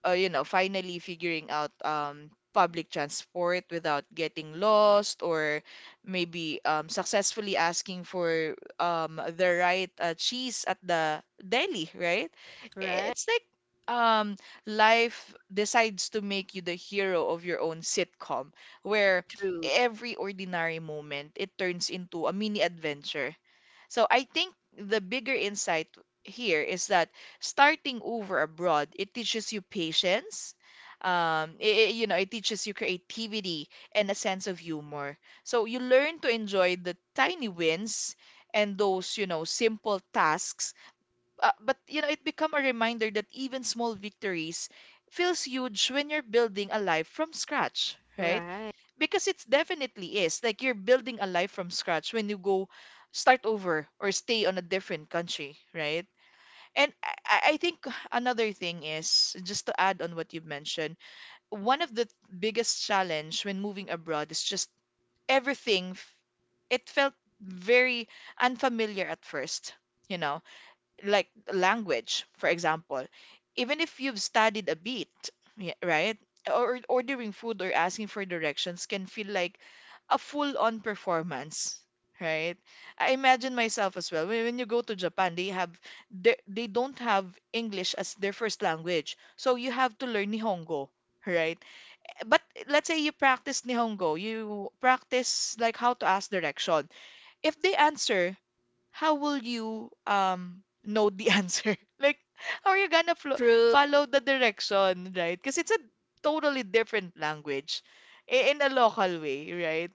[SPEAKER 1] uh, you know, finally figuring out um, public transport without getting lost, or maybe um, successfully asking for um, the right uh, cheese at the deli, right?
[SPEAKER 2] right,
[SPEAKER 1] It's like um, life decides to make you the hero of your own sitcom, where
[SPEAKER 2] true,
[SPEAKER 1] every ordinary moment it turns into a mini adventure. So I think the bigger insight here is that starting over abroad, it teaches you patience. Um, it, you know, it teaches you creativity and a sense of humor. So you learn to enjoy the tiny wins and those, you know, simple tasks. Uh, but you know, it become a reminder that even small victories feels huge when you're building a life from scratch, right?
[SPEAKER 2] right,
[SPEAKER 1] Because it's definitely is like you're building a life from scratch when you go start over or stay on a different country, right? And i, I I think another thing is just to add on what you mentioned. One of the biggest challenge when moving abroad is just everything f- it felt very unfamiliar at first, you know, like language, for example, even if you've studied a bit, y- right? Or ordering food or asking for directions can feel like a full-on performance, right? I imagine myself as well. When when you go to Japan, they have they, they don't have English as their first language, so you have to learn Nihongo, right? But let's say you practice Nihongo, you practice like how to ask direction. If they answer, how will you um know the answer? Like, how are you gonna flo-
[SPEAKER 2] true,
[SPEAKER 1] follow the direction, right? Because it's a totally different language i- in a local way, right?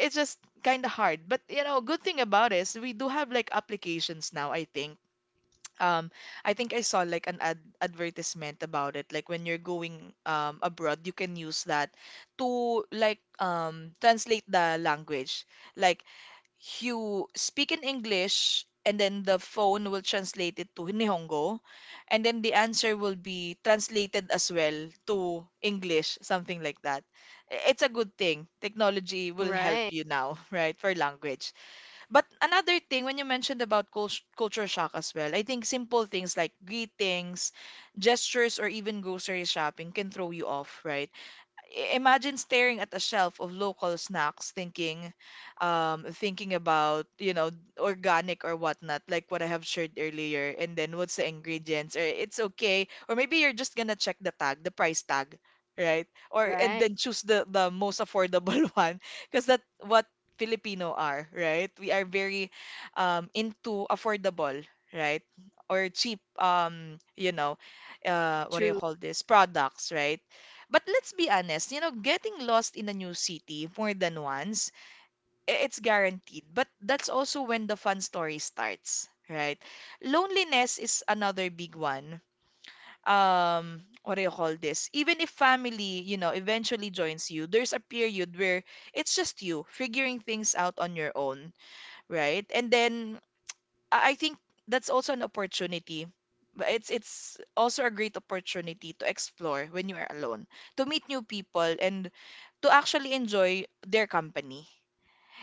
[SPEAKER 1] It's just kind of hard. But you know, good thing about is we do have like applications now, I think. Um, I think I saw like an ad advertisement about it. Like when you're going um abroad, you can use that to like um translate the language. Like you speak in English and then the phone will translate it to Nihongo, and then the answer will be translated as well to English, something like that. I- It's a good thing. Technology will help
[SPEAKER 2] right,
[SPEAKER 1] you now, right, for language. But another thing, when you mentioned about cult culture shock as well, I think simple things like greetings, gestures, or even grocery shopping can throw you off, right? I- imagine staring at a shelf of local snacks thinking um thinking about, you know, organic or whatnot, like what I have shared earlier, and then what's the ingredients, or it's okay, or maybe you're just gonna check the tag, the price tag, right? Or and
[SPEAKER 2] right,
[SPEAKER 1] then choose the the most affordable one, because that what Filipino are, right? We are very um into affordable, right? Or cheap, um you know, uh what do you
[SPEAKER 2] true,
[SPEAKER 1] call this, products, right? But let's be honest, you know, getting lost in a new city more than once, i- it's guaranteed. But that's also when the fun story starts, right? Loneliness is another big one. Um, what do you call this? Even if family, you know, eventually joins you, there's a period where it's just you figuring things out on your own, right? And then I I think that's also an opportunity. But it's it's also a great opportunity to explore when you are alone, to meet new people and to actually enjoy their company.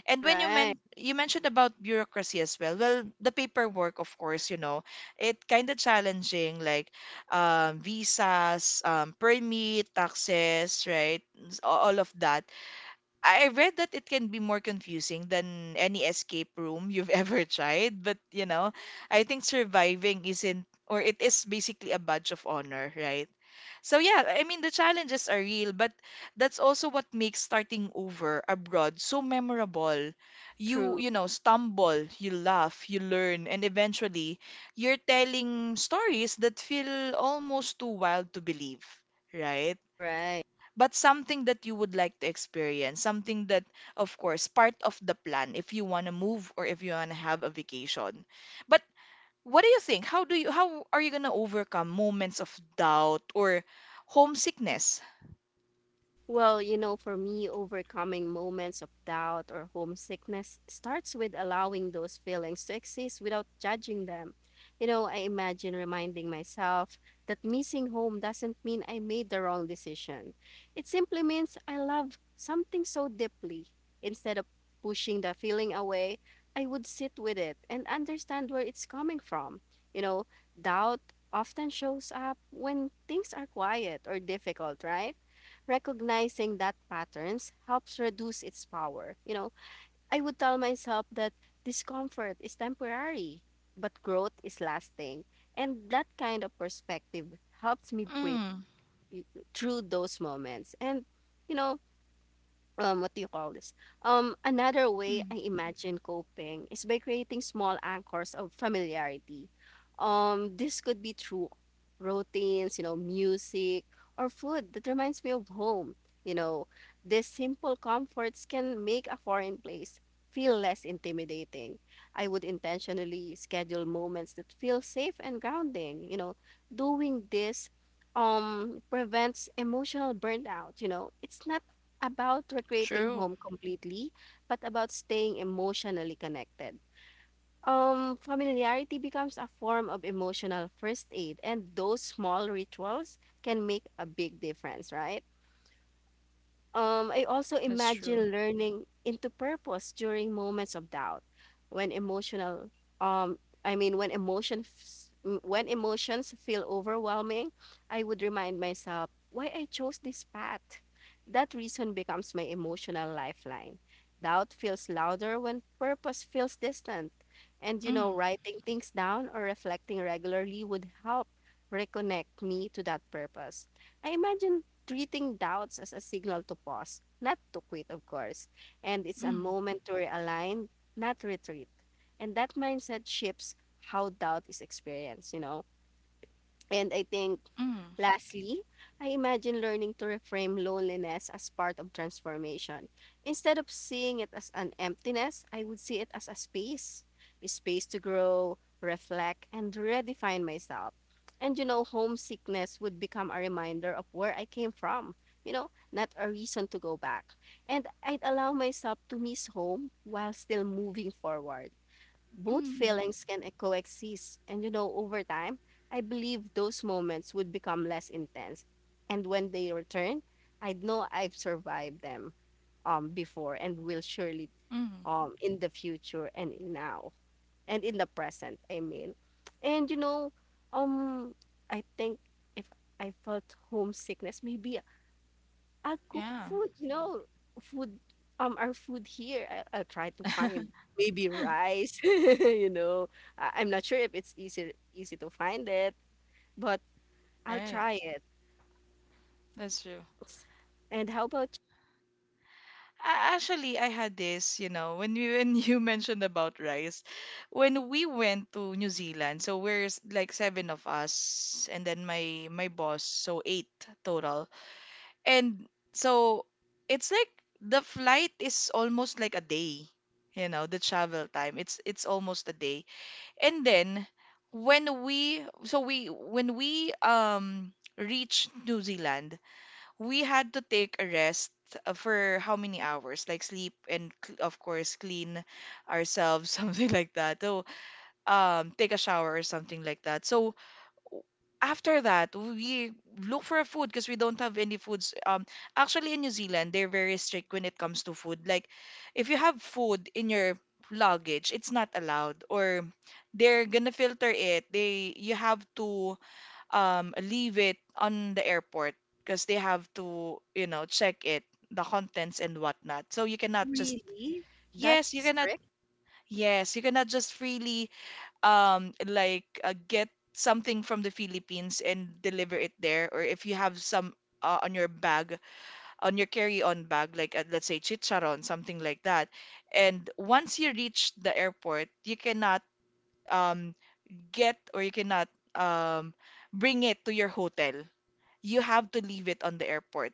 [SPEAKER 1] And when you
[SPEAKER 2] right,
[SPEAKER 1] meant you mentioned about bureaucracy as well. Well, the paperwork, of course, you know, it kind of challenging, like, um, visas, um, permit, taxes, right? s- All of that. I read that it can be more confusing than any escape room you've ever tried, but you know, I think surviving isn't, or it is basically a badge of honor, right? So yeah, I mean the challenges are real, but that's also what makes starting over abroad so memorable. You,
[SPEAKER 2] true,
[SPEAKER 1] you know, stumble, you laugh, you learn, and eventually you're telling stories that feel almost too wild to believe, right?
[SPEAKER 2] right.
[SPEAKER 1] But something that you would like to experience, something that, of course, part of the plan if you want to move or if you want to have a vacation. But what do you think? How do you how are you gonna overcome moments of doubt or homesickness?
[SPEAKER 2] Well, you know, for me, overcoming moments of doubt or homesickness starts with allowing those feelings to exist without judging them. You know, I imagine reminding myself that missing home doesn't mean I made the wrong decision. It simply means I love something so deeply. Instead of pushing the feeling away, I would sit with it and understand where it's coming from. You know, doubt often shows up when things are quiet or difficult, right? Recognizing that patterns helps reduce its power. You know, I would tell myself that discomfort is temporary, but growth is lasting. And that kind of perspective helps me breathe
[SPEAKER 1] Mm,
[SPEAKER 2] y- through those moments. And, you know, um what do you call this um another way
[SPEAKER 1] mm,
[SPEAKER 2] I imagine coping is by creating small anchors of familiarity. Um this could be through routines, you know, music or food that reminds me of home. You know, these simple comforts can make a foreign place feel less intimidating. I would intentionally schedule moments that feel safe and grounding. You know, doing this um prevents emotional burnout. You know, it's not about recreating
[SPEAKER 1] true.
[SPEAKER 2] home completely, but about staying emotionally connected. Um, familiarity becomes a form of emotional first aid, and those small rituals can make a big difference, right? Um, I also
[SPEAKER 1] That's true.
[SPEAKER 2] imagine learning into purpose during moments of doubt. When emotional, um, I mean, when emotion, f- m- when emotions feel overwhelming, I would remind myself why I chose this path. That reason becomes my emotional lifeline. Doubt feels louder when purpose feels distant, and you know,
[SPEAKER 1] Mm,
[SPEAKER 2] writing things down or reflecting regularly would help reconnect me to that purpose. I imagine treating doubts as a signal to pause, not to quit, of course. And it's a
[SPEAKER 1] mm,
[SPEAKER 2] moment to realign, not retreat. And that mindset shapes how doubt is experienced, you know. And I think
[SPEAKER 1] mm,
[SPEAKER 2] lastly, I imagine learning to reframe loneliness as part of transformation. Instead of seeing it as an emptiness, I would see it as a space, a space to grow, reflect, and redefine myself. And you know, homesickness would become a reminder of where I came from, you know, not a reason to go back. And I'd allow myself to miss home while still moving forward. Both
[SPEAKER 1] mm,
[SPEAKER 2] feelings can e- coexist. And you know, over time, I believe those moments would become less intense. And when they return, I'd know I've survived them um before, and will surely
[SPEAKER 1] mm.
[SPEAKER 2] um in the future and in now and in the present, I mean. And you know, um I think if I felt homesickness, maybe I'll cook
[SPEAKER 1] Yeah.
[SPEAKER 2] food, you know, food, um, our food here. I, I'll try to find maybe rice, you know. I, I'm not sure if it's easy easy to find it, but I'll
[SPEAKER 1] Right.
[SPEAKER 2] try it.
[SPEAKER 1] That's true.
[SPEAKER 2] And how about
[SPEAKER 1] A- Actually, I had this, you know, when you when you mentioned about rice, when we went to New Zealand, so we're s- like seven of us, and then my my boss, so eight total, and so it's like the flight is almost like a day, you know, the travel time. It's it's almost a day, and then when we so we when we um reached New Zealand, we had to take a rest uh, for how many hours, like sleep and cl- of course clean ourselves, something like that. So, um take a shower or something like that. So after that we look for a food, because we don't have any foods. Um, actually, in New Zealand they're very strict when it comes to food. Like, if you have food in your luggage, it's not allowed, or they're gonna filter it. They you have to, um, leave it on the airport, because they have to, you know, check it, the contents and whatnot. So you
[SPEAKER 2] you?
[SPEAKER 1] cannot just,
[SPEAKER 2] Really? That's
[SPEAKER 1] yes, you cannot,
[SPEAKER 2] strict.
[SPEAKER 1] yes, you cannot just freely, um, like uh, get something from the Philippines and deliver it there. Or if you have some uh, on your bag, on your carry-on bag, like, uh, let's say chicharon, something like that. And once you reach the airport, you cannot um, get, or you cannot um, bring it to your hotel. You have to leave it on the airport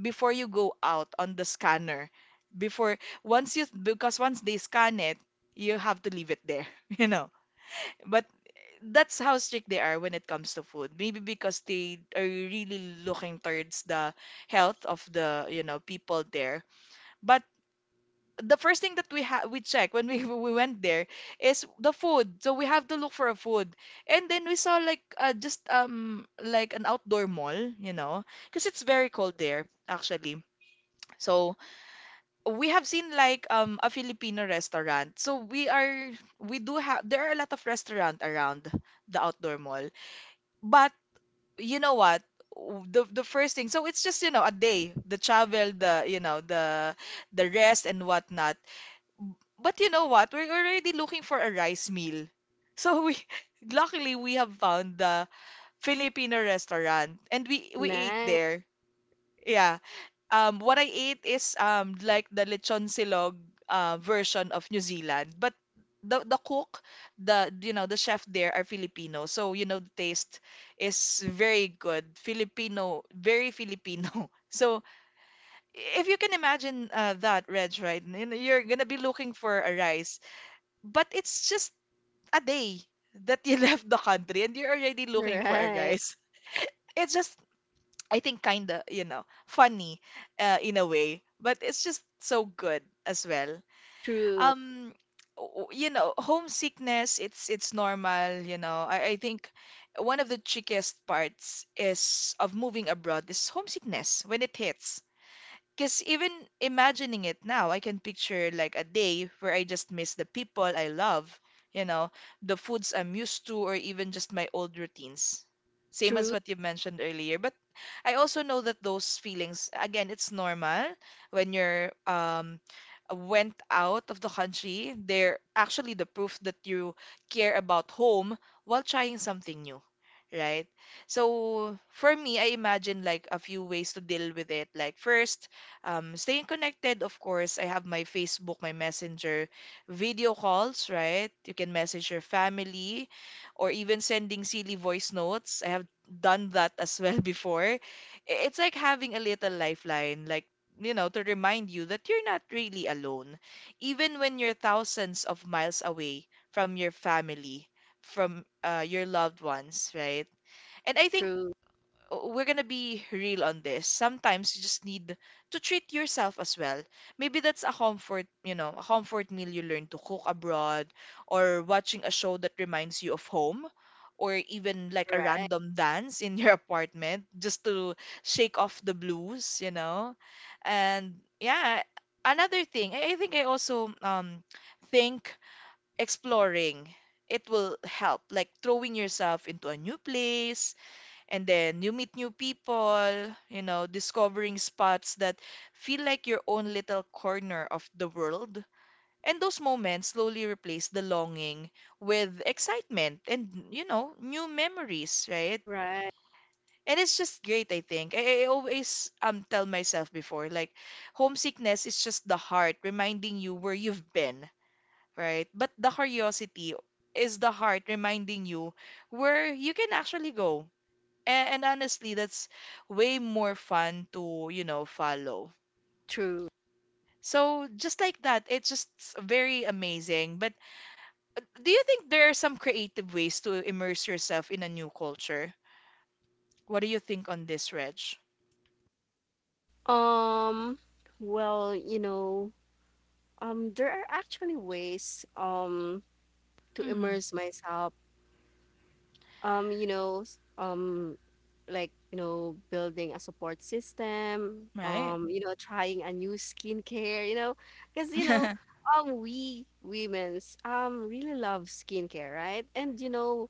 [SPEAKER 1] before you go out on the scanner. Before once you because once they scan it, you have to leave it there, you know. But that's how strict they are when it comes to food. Maybe because they are really looking towards the health of the, you know, people there. But the first thing that we ha- we check when we we went there is the food. So we have to look for a food. And then we saw like uh, just um like an outdoor mall, you know, because it's very cold there actually. So we have seen like um a Filipino restaurant. So we are we do have, there are a lot of restaurant around the outdoor mall. But you know what? W- The the first thing. So it's just, you know, a day, the travel, the you know, the the rest and whatnot. But you know what? We're already looking for a rice meal. So we luckily we have found the Filipino restaurant, and we we ate
[SPEAKER 2] Nice.
[SPEAKER 1] there. Yeah. Um what I ate is um like the lechon silog uh, version of New Zealand. But the the cook, the you know, the chef there are Filipino. So you know the taste is very good. Filipino, very Filipino. So if you can imagine uh, that, Reg, right? you know, You're gonna be looking for a rice, but it's just a day that you left the country and you're already looking for a
[SPEAKER 2] Right.
[SPEAKER 1] rise. It's just, I think, kind of, you know, funny uh, in a way, but it's just so good as well.
[SPEAKER 2] True.
[SPEAKER 1] Um, w- you know, homesickness, it's it's normal, you know. I, I think one of the trickiest parts is of moving abroad is homesickness when it hits. Because even imagining it now, I can picture like a day where I just miss the people I love, you know, the foods I'm used to, or even just my old routines. Same as
[SPEAKER 2] True.
[SPEAKER 1] what you mentioned earlier. But I also know that those feelings, again, it's normal when you're um, went out of the country. They're actually the proof that you care about home while trying something new, right? So for me, I imagine like a few ways to deal with it. Like first, um, staying connected, of course, I have my Facebook, my Messenger, video calls, right? You can message your family or even sending silly voice notes. I have done that as well before. I- It's like having a little lifeline, like, you know, to remind you that you're not really alone, even when you're thousands of miles away from your family, from uh, your loved ones, right? And I think
[SPEAKER 2] True.
[SPEAKER 1] w- we're gonna be real on this. Sometimes you just need to treat yourself as well. Maybe that's a comfort, you know, a comfort meal you learn to cook abroad, or watching a show that reminds you of home, or even like a
[SPEAKER 2] Right.
[SPEAKER 1] random dance in your apartment just to shake off the blues, you know? And yeah, another thing, I I think I also um think exploring. It will help, like throwing yourself into a new place, and then you meet new people, you know, discovering spots that feel like your own little corner of the world. And those moments slowly replace the longing with excitement and, you know, new memories, right?
[SPEAKER 2] Right.
[SPEAKER 1] And it's just great, I think. I, I always um tell myself before, like, homesickness is just the heart reminding you where you've been, right? But the curiosity is the heart reminding you where you can actually go. And, and honestly, that's way more fun to, you know, follow.
[SPEAKER 2] True.
[SPEAKER 1] So just like that, it's just s- very amazing. But do you think there are some creative ways to immerse yourself in a new culture? What do you think on this, Reg?
[SPEAKER 2] Um, well, you know, um, there are actually ways, um, to
[SPEAKER 1] Mm,
[SPEAKER 2] immerse myself. um you know s- um like, you know, building a support system,
[SPEAKER 1] right.
[SPEAKER 2] um, you know, trying a new skincare. You know, because you know,
[SPEAKER 1] mm,
[SPEAKER 2] um, we women's um really love skincare, right? And you know,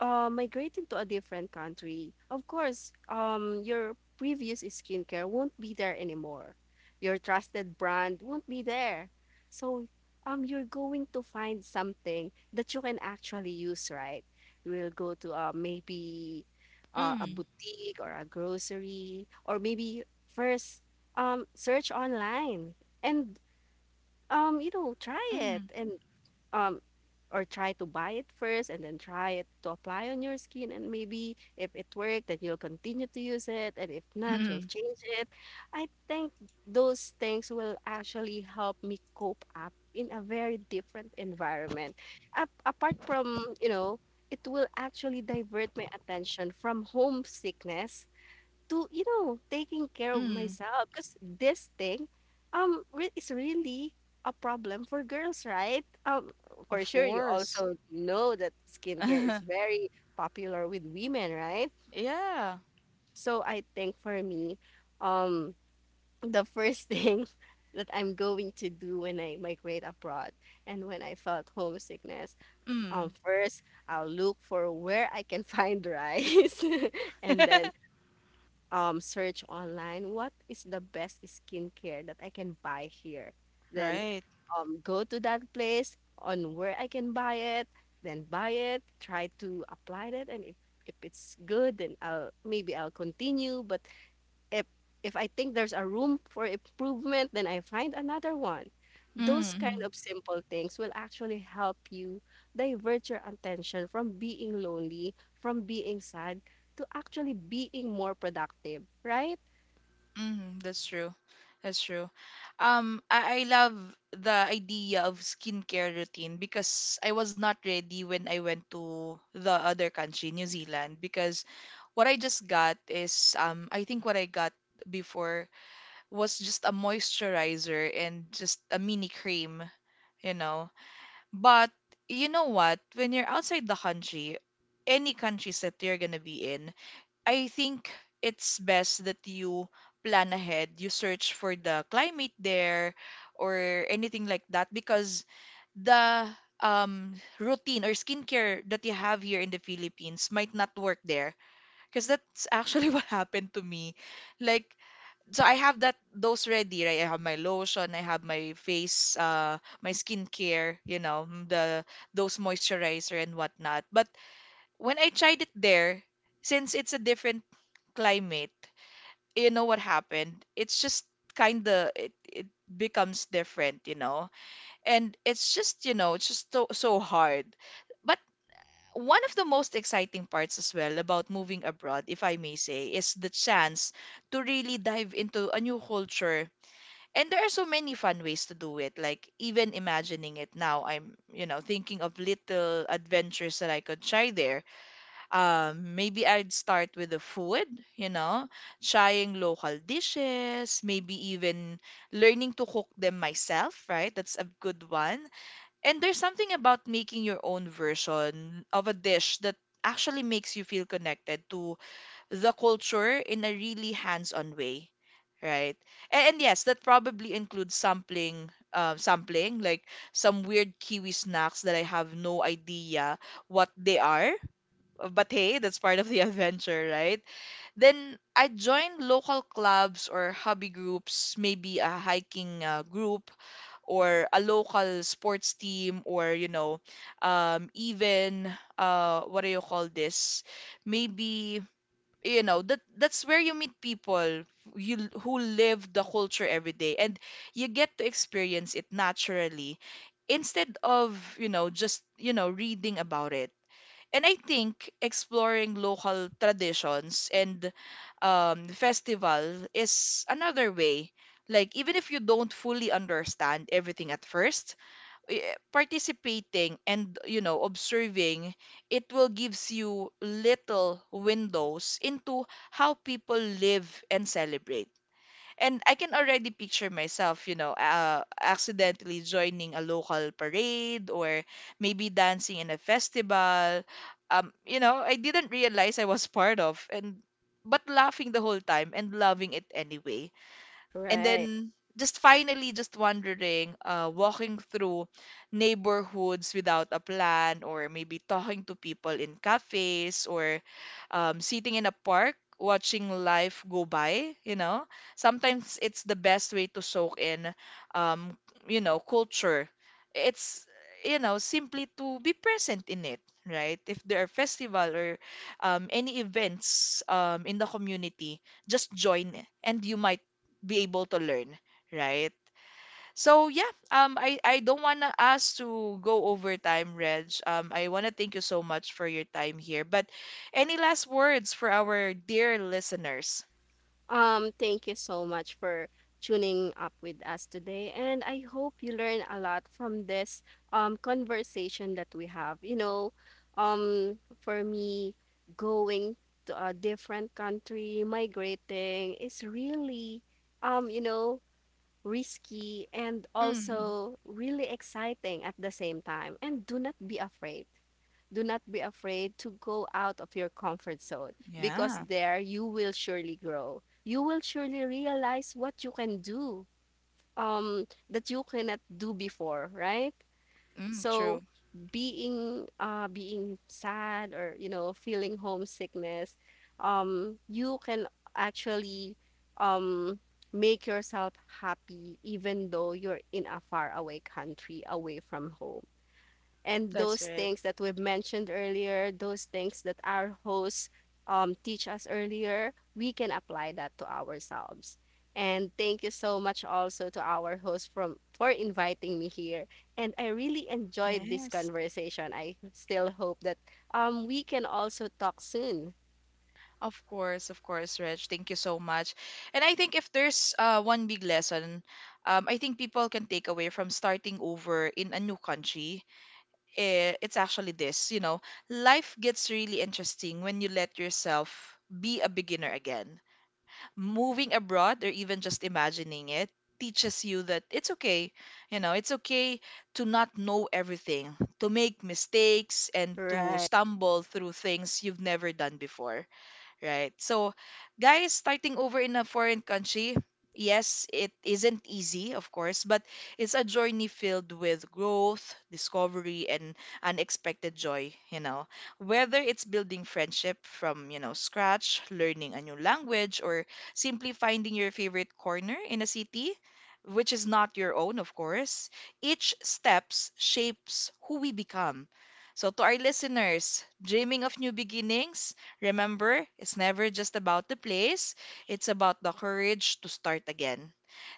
[SPEAKER 2] uh, migrating to a different country, of course, um, your previous skincare won't be there anymore. Your trusted brand won't be there. So, um, you're going to find something that you can actually use, right? You will go to uh, maybe uh, a boutique or a grocery, or maybe first um, search online and um, you know, try it
[SPEAKER 1] mm,
[SPEAKER 2] and um, or try to buy it first and then try it to apply on your skin, and maybe if it worked then you'll continue to use it and if not you'll
[SPEAKER 1] mm,
[SPEAKER 2] change it. I think those things will actually help me cope up in a very different environment. Ap- apart from, you know, it will actually divert my attention from homesickness to, you know, taking care of
[SPEAKER 1] mm,
[SPEAKER 2] myself, because this thing um re- is really a problem for girls, right? Um,
[SPEAKER 1] of
[SPEAKER 2] for sure you
[SPEAKER 1] course.
[SPEAKER 2] also know that skincare is very popular with women, right?
[SPEAKER 1] Yeah.
[SPEAKER 2] So I think for me, um, the first thing that I'm going to do when I migrate abroad and when I felt homesickness, um,
[SPEAKER 1] Mm.
[SPEAKER 2] first I'll look for where I can find rice, and then um search online what is the best skincare that I can buy here. Then
[SPEAKER 1] Right.
[SPEAKER 2] um go to that place on where I can buy it, then buy it, try to apply it, and if if it's good then I'll maybe I'll continue, but if if I think there's a room for improvement, then I find another one. Those kind
[SPEAKER 1] Mm,
[SPEAKER 2] of simple things will actually help you divert your attention from being lonely, from being sad, to actually being more productive, right?
[SPEAKER 1] mm, that's true. That's true. Um, I, I love the idea of skincare routine, because I was not ready when I went to the other country, New Zealand, because what I just got is um I think what I got before was just a moisturizer and just a mini cream, you know. But you know what? When you're outside the country, any countries that you're gonna be in, I think it's best that you plan ahead. You search for the climate there or anything like that, because the um, routine or skincare that you have here in the Philippines might not work there. Because that's actually what happened to me. Like, so I have that those ready, right? I have my lotion, I have my face, uh, my skincare, you know, m- the those moisturizer and whatnot. But when I tried it there, since it's a different climate, you know what happened? It's just kind of it, it becomes different, you know. And it's just, you know, it's just so so hard. But one of the most exciting parts as well about moving abroad, if I may say, is the chance to really dive into a new culture. And there are so many fun ways to do it. Like, even imagining it now, I'm, you know, thinking of little adventures that I could try there. Um, maybe I'd start with the food, you know, trying local dishes, maybe even learning to cook them myself, right? That's a good one. And there's something about making your own version of a dish that actually makes you feel connected to the culture in a really hands-on way, right? And, and yes, that probably includes sampling, uh, sampling like some weird kiwi snacks that I have no idea what they are. uh, But hey, that's part of the adventure, right? Then I joined local clubs or hobby groups, maybe a hiking uh, group, or a local sports team, or you know, um, even uh, what do you call this? Maybe you know that that's where you meet people you l- who live the culture every day, and you get to experience it naturally instead of you know just you know reading about it. And I think exploring local traditions and um, festival is another way. Like, even if you don't fully understand everything at first, eh, participating and, you know, observing, it will gives you little windows into how people live and celebrate. And I can already picture myself, you know, uh, accidentally joining a local parade or maybe dancing in a festival Um, you know, I didn't realize I was part of, and but laughing the whole time and loving it anyway. And
[SPEAKER 2] Right.
[SPEAKER 1] then, just finally, just wandering, uh walking through neighborhoods without a plan, or maybe talking to people in cafes, or um, sitting in a park watching life go by you know Sometimes it's the best way to soak in um you know culture. It's, you know simply to be present in it, right? If there are festival or um, any events um, in the community, just join, and you might be able to learn, right? So yeah, um, I I don't wanna us to go over time, Reg. Um, I wanna thank you so much for your time here. But any last words for our dear listeners?
[SPEAKER 2] Um, thank you so much for tuning up with us today. And I hope you learn a lot from this um conversation that we have. You know, um, for me, going to a different country, migrating, is really um, you know, risky and
[SPEAKER 1] Mm.
[SPEAKER 2] also really exciting at the same time. And do not be afraid. Do not be afraid to go out of your comfort zone, because
[SPEAKER 1] Yeah.
[SPEAKER 2] there you will surely grow. You will surely realize what you can do um, that you cannot do before, right?
[SPEAKER 1] Mm,
[SPEAKER 2] So
[SPEAKER 1] true.
[SPEAKER 2] being uh, being sad, or you know, feeling homesickness, um, you can actually um, make yourself happy even though you're in a faraway country away from home. And
[SPEAKER 1] That's
[SPEAKER 2] those
[SPEAKER 1] right.
[SPEAKER 2] things that we've mentioned earlier, those things that our hosts um teach us earlier, we can apply that to ourselves. And thank you so much also to our host from for inviting me here. And I really enjoyed this
[SPEAKER 1] Yes.
[SPEAKER 2] conversation. I still hope that um we can also talk soon.
[SPEAKER 1] Of course, of course, Reg. Thank you so much. And I think if there's uh, one big lesson, um, I think people can take away from starting over in a new country, eh, it's actually this, you know, life gets really interesting when you let yourself be a beginner again. Moving abroad or even just imagining it teaches you that it's okay, you know, it's okay to not know everything, to make mistakes and to
[SPEAKER 2] Right.
[SPEAKER 1] stumble through things you've never done before, right? So, guys, starting over in a foreign country, yes, it isn't easy, of course, but it's a journey filled with growth, discovery, and unexpected joy, you know. Whether it's building friendship from, you know, scratch, learning a new language, or simply finding your favorite corner in a city, which is not your own, of course, each steps shapes who we become. So, to our listeners, dreaming of new beginnings, remember, it's never just about the place, it's about the courage to start again.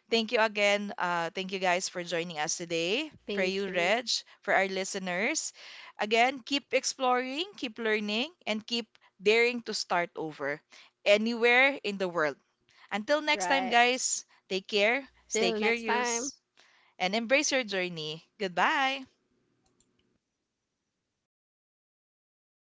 [SPEAKER 1] Thank you again. Uh, thank you guys for joining us today. For
[SPEAKER 2] Thank
[SPEAKER 1] you,
[SPEAKER 2] you.
[SPEAKER 1] Reg, for our listeners. Again, keep exploring, keep learning, and keep daring to start over anywhere in the world. Until next time,
[SPEAKER 2] Right.
[SPEAKER 1] guys, take care, stay
[SPEAKER 2] Till next time.
[SPEAKER 1] curious, and embrace your journey. Goodbye.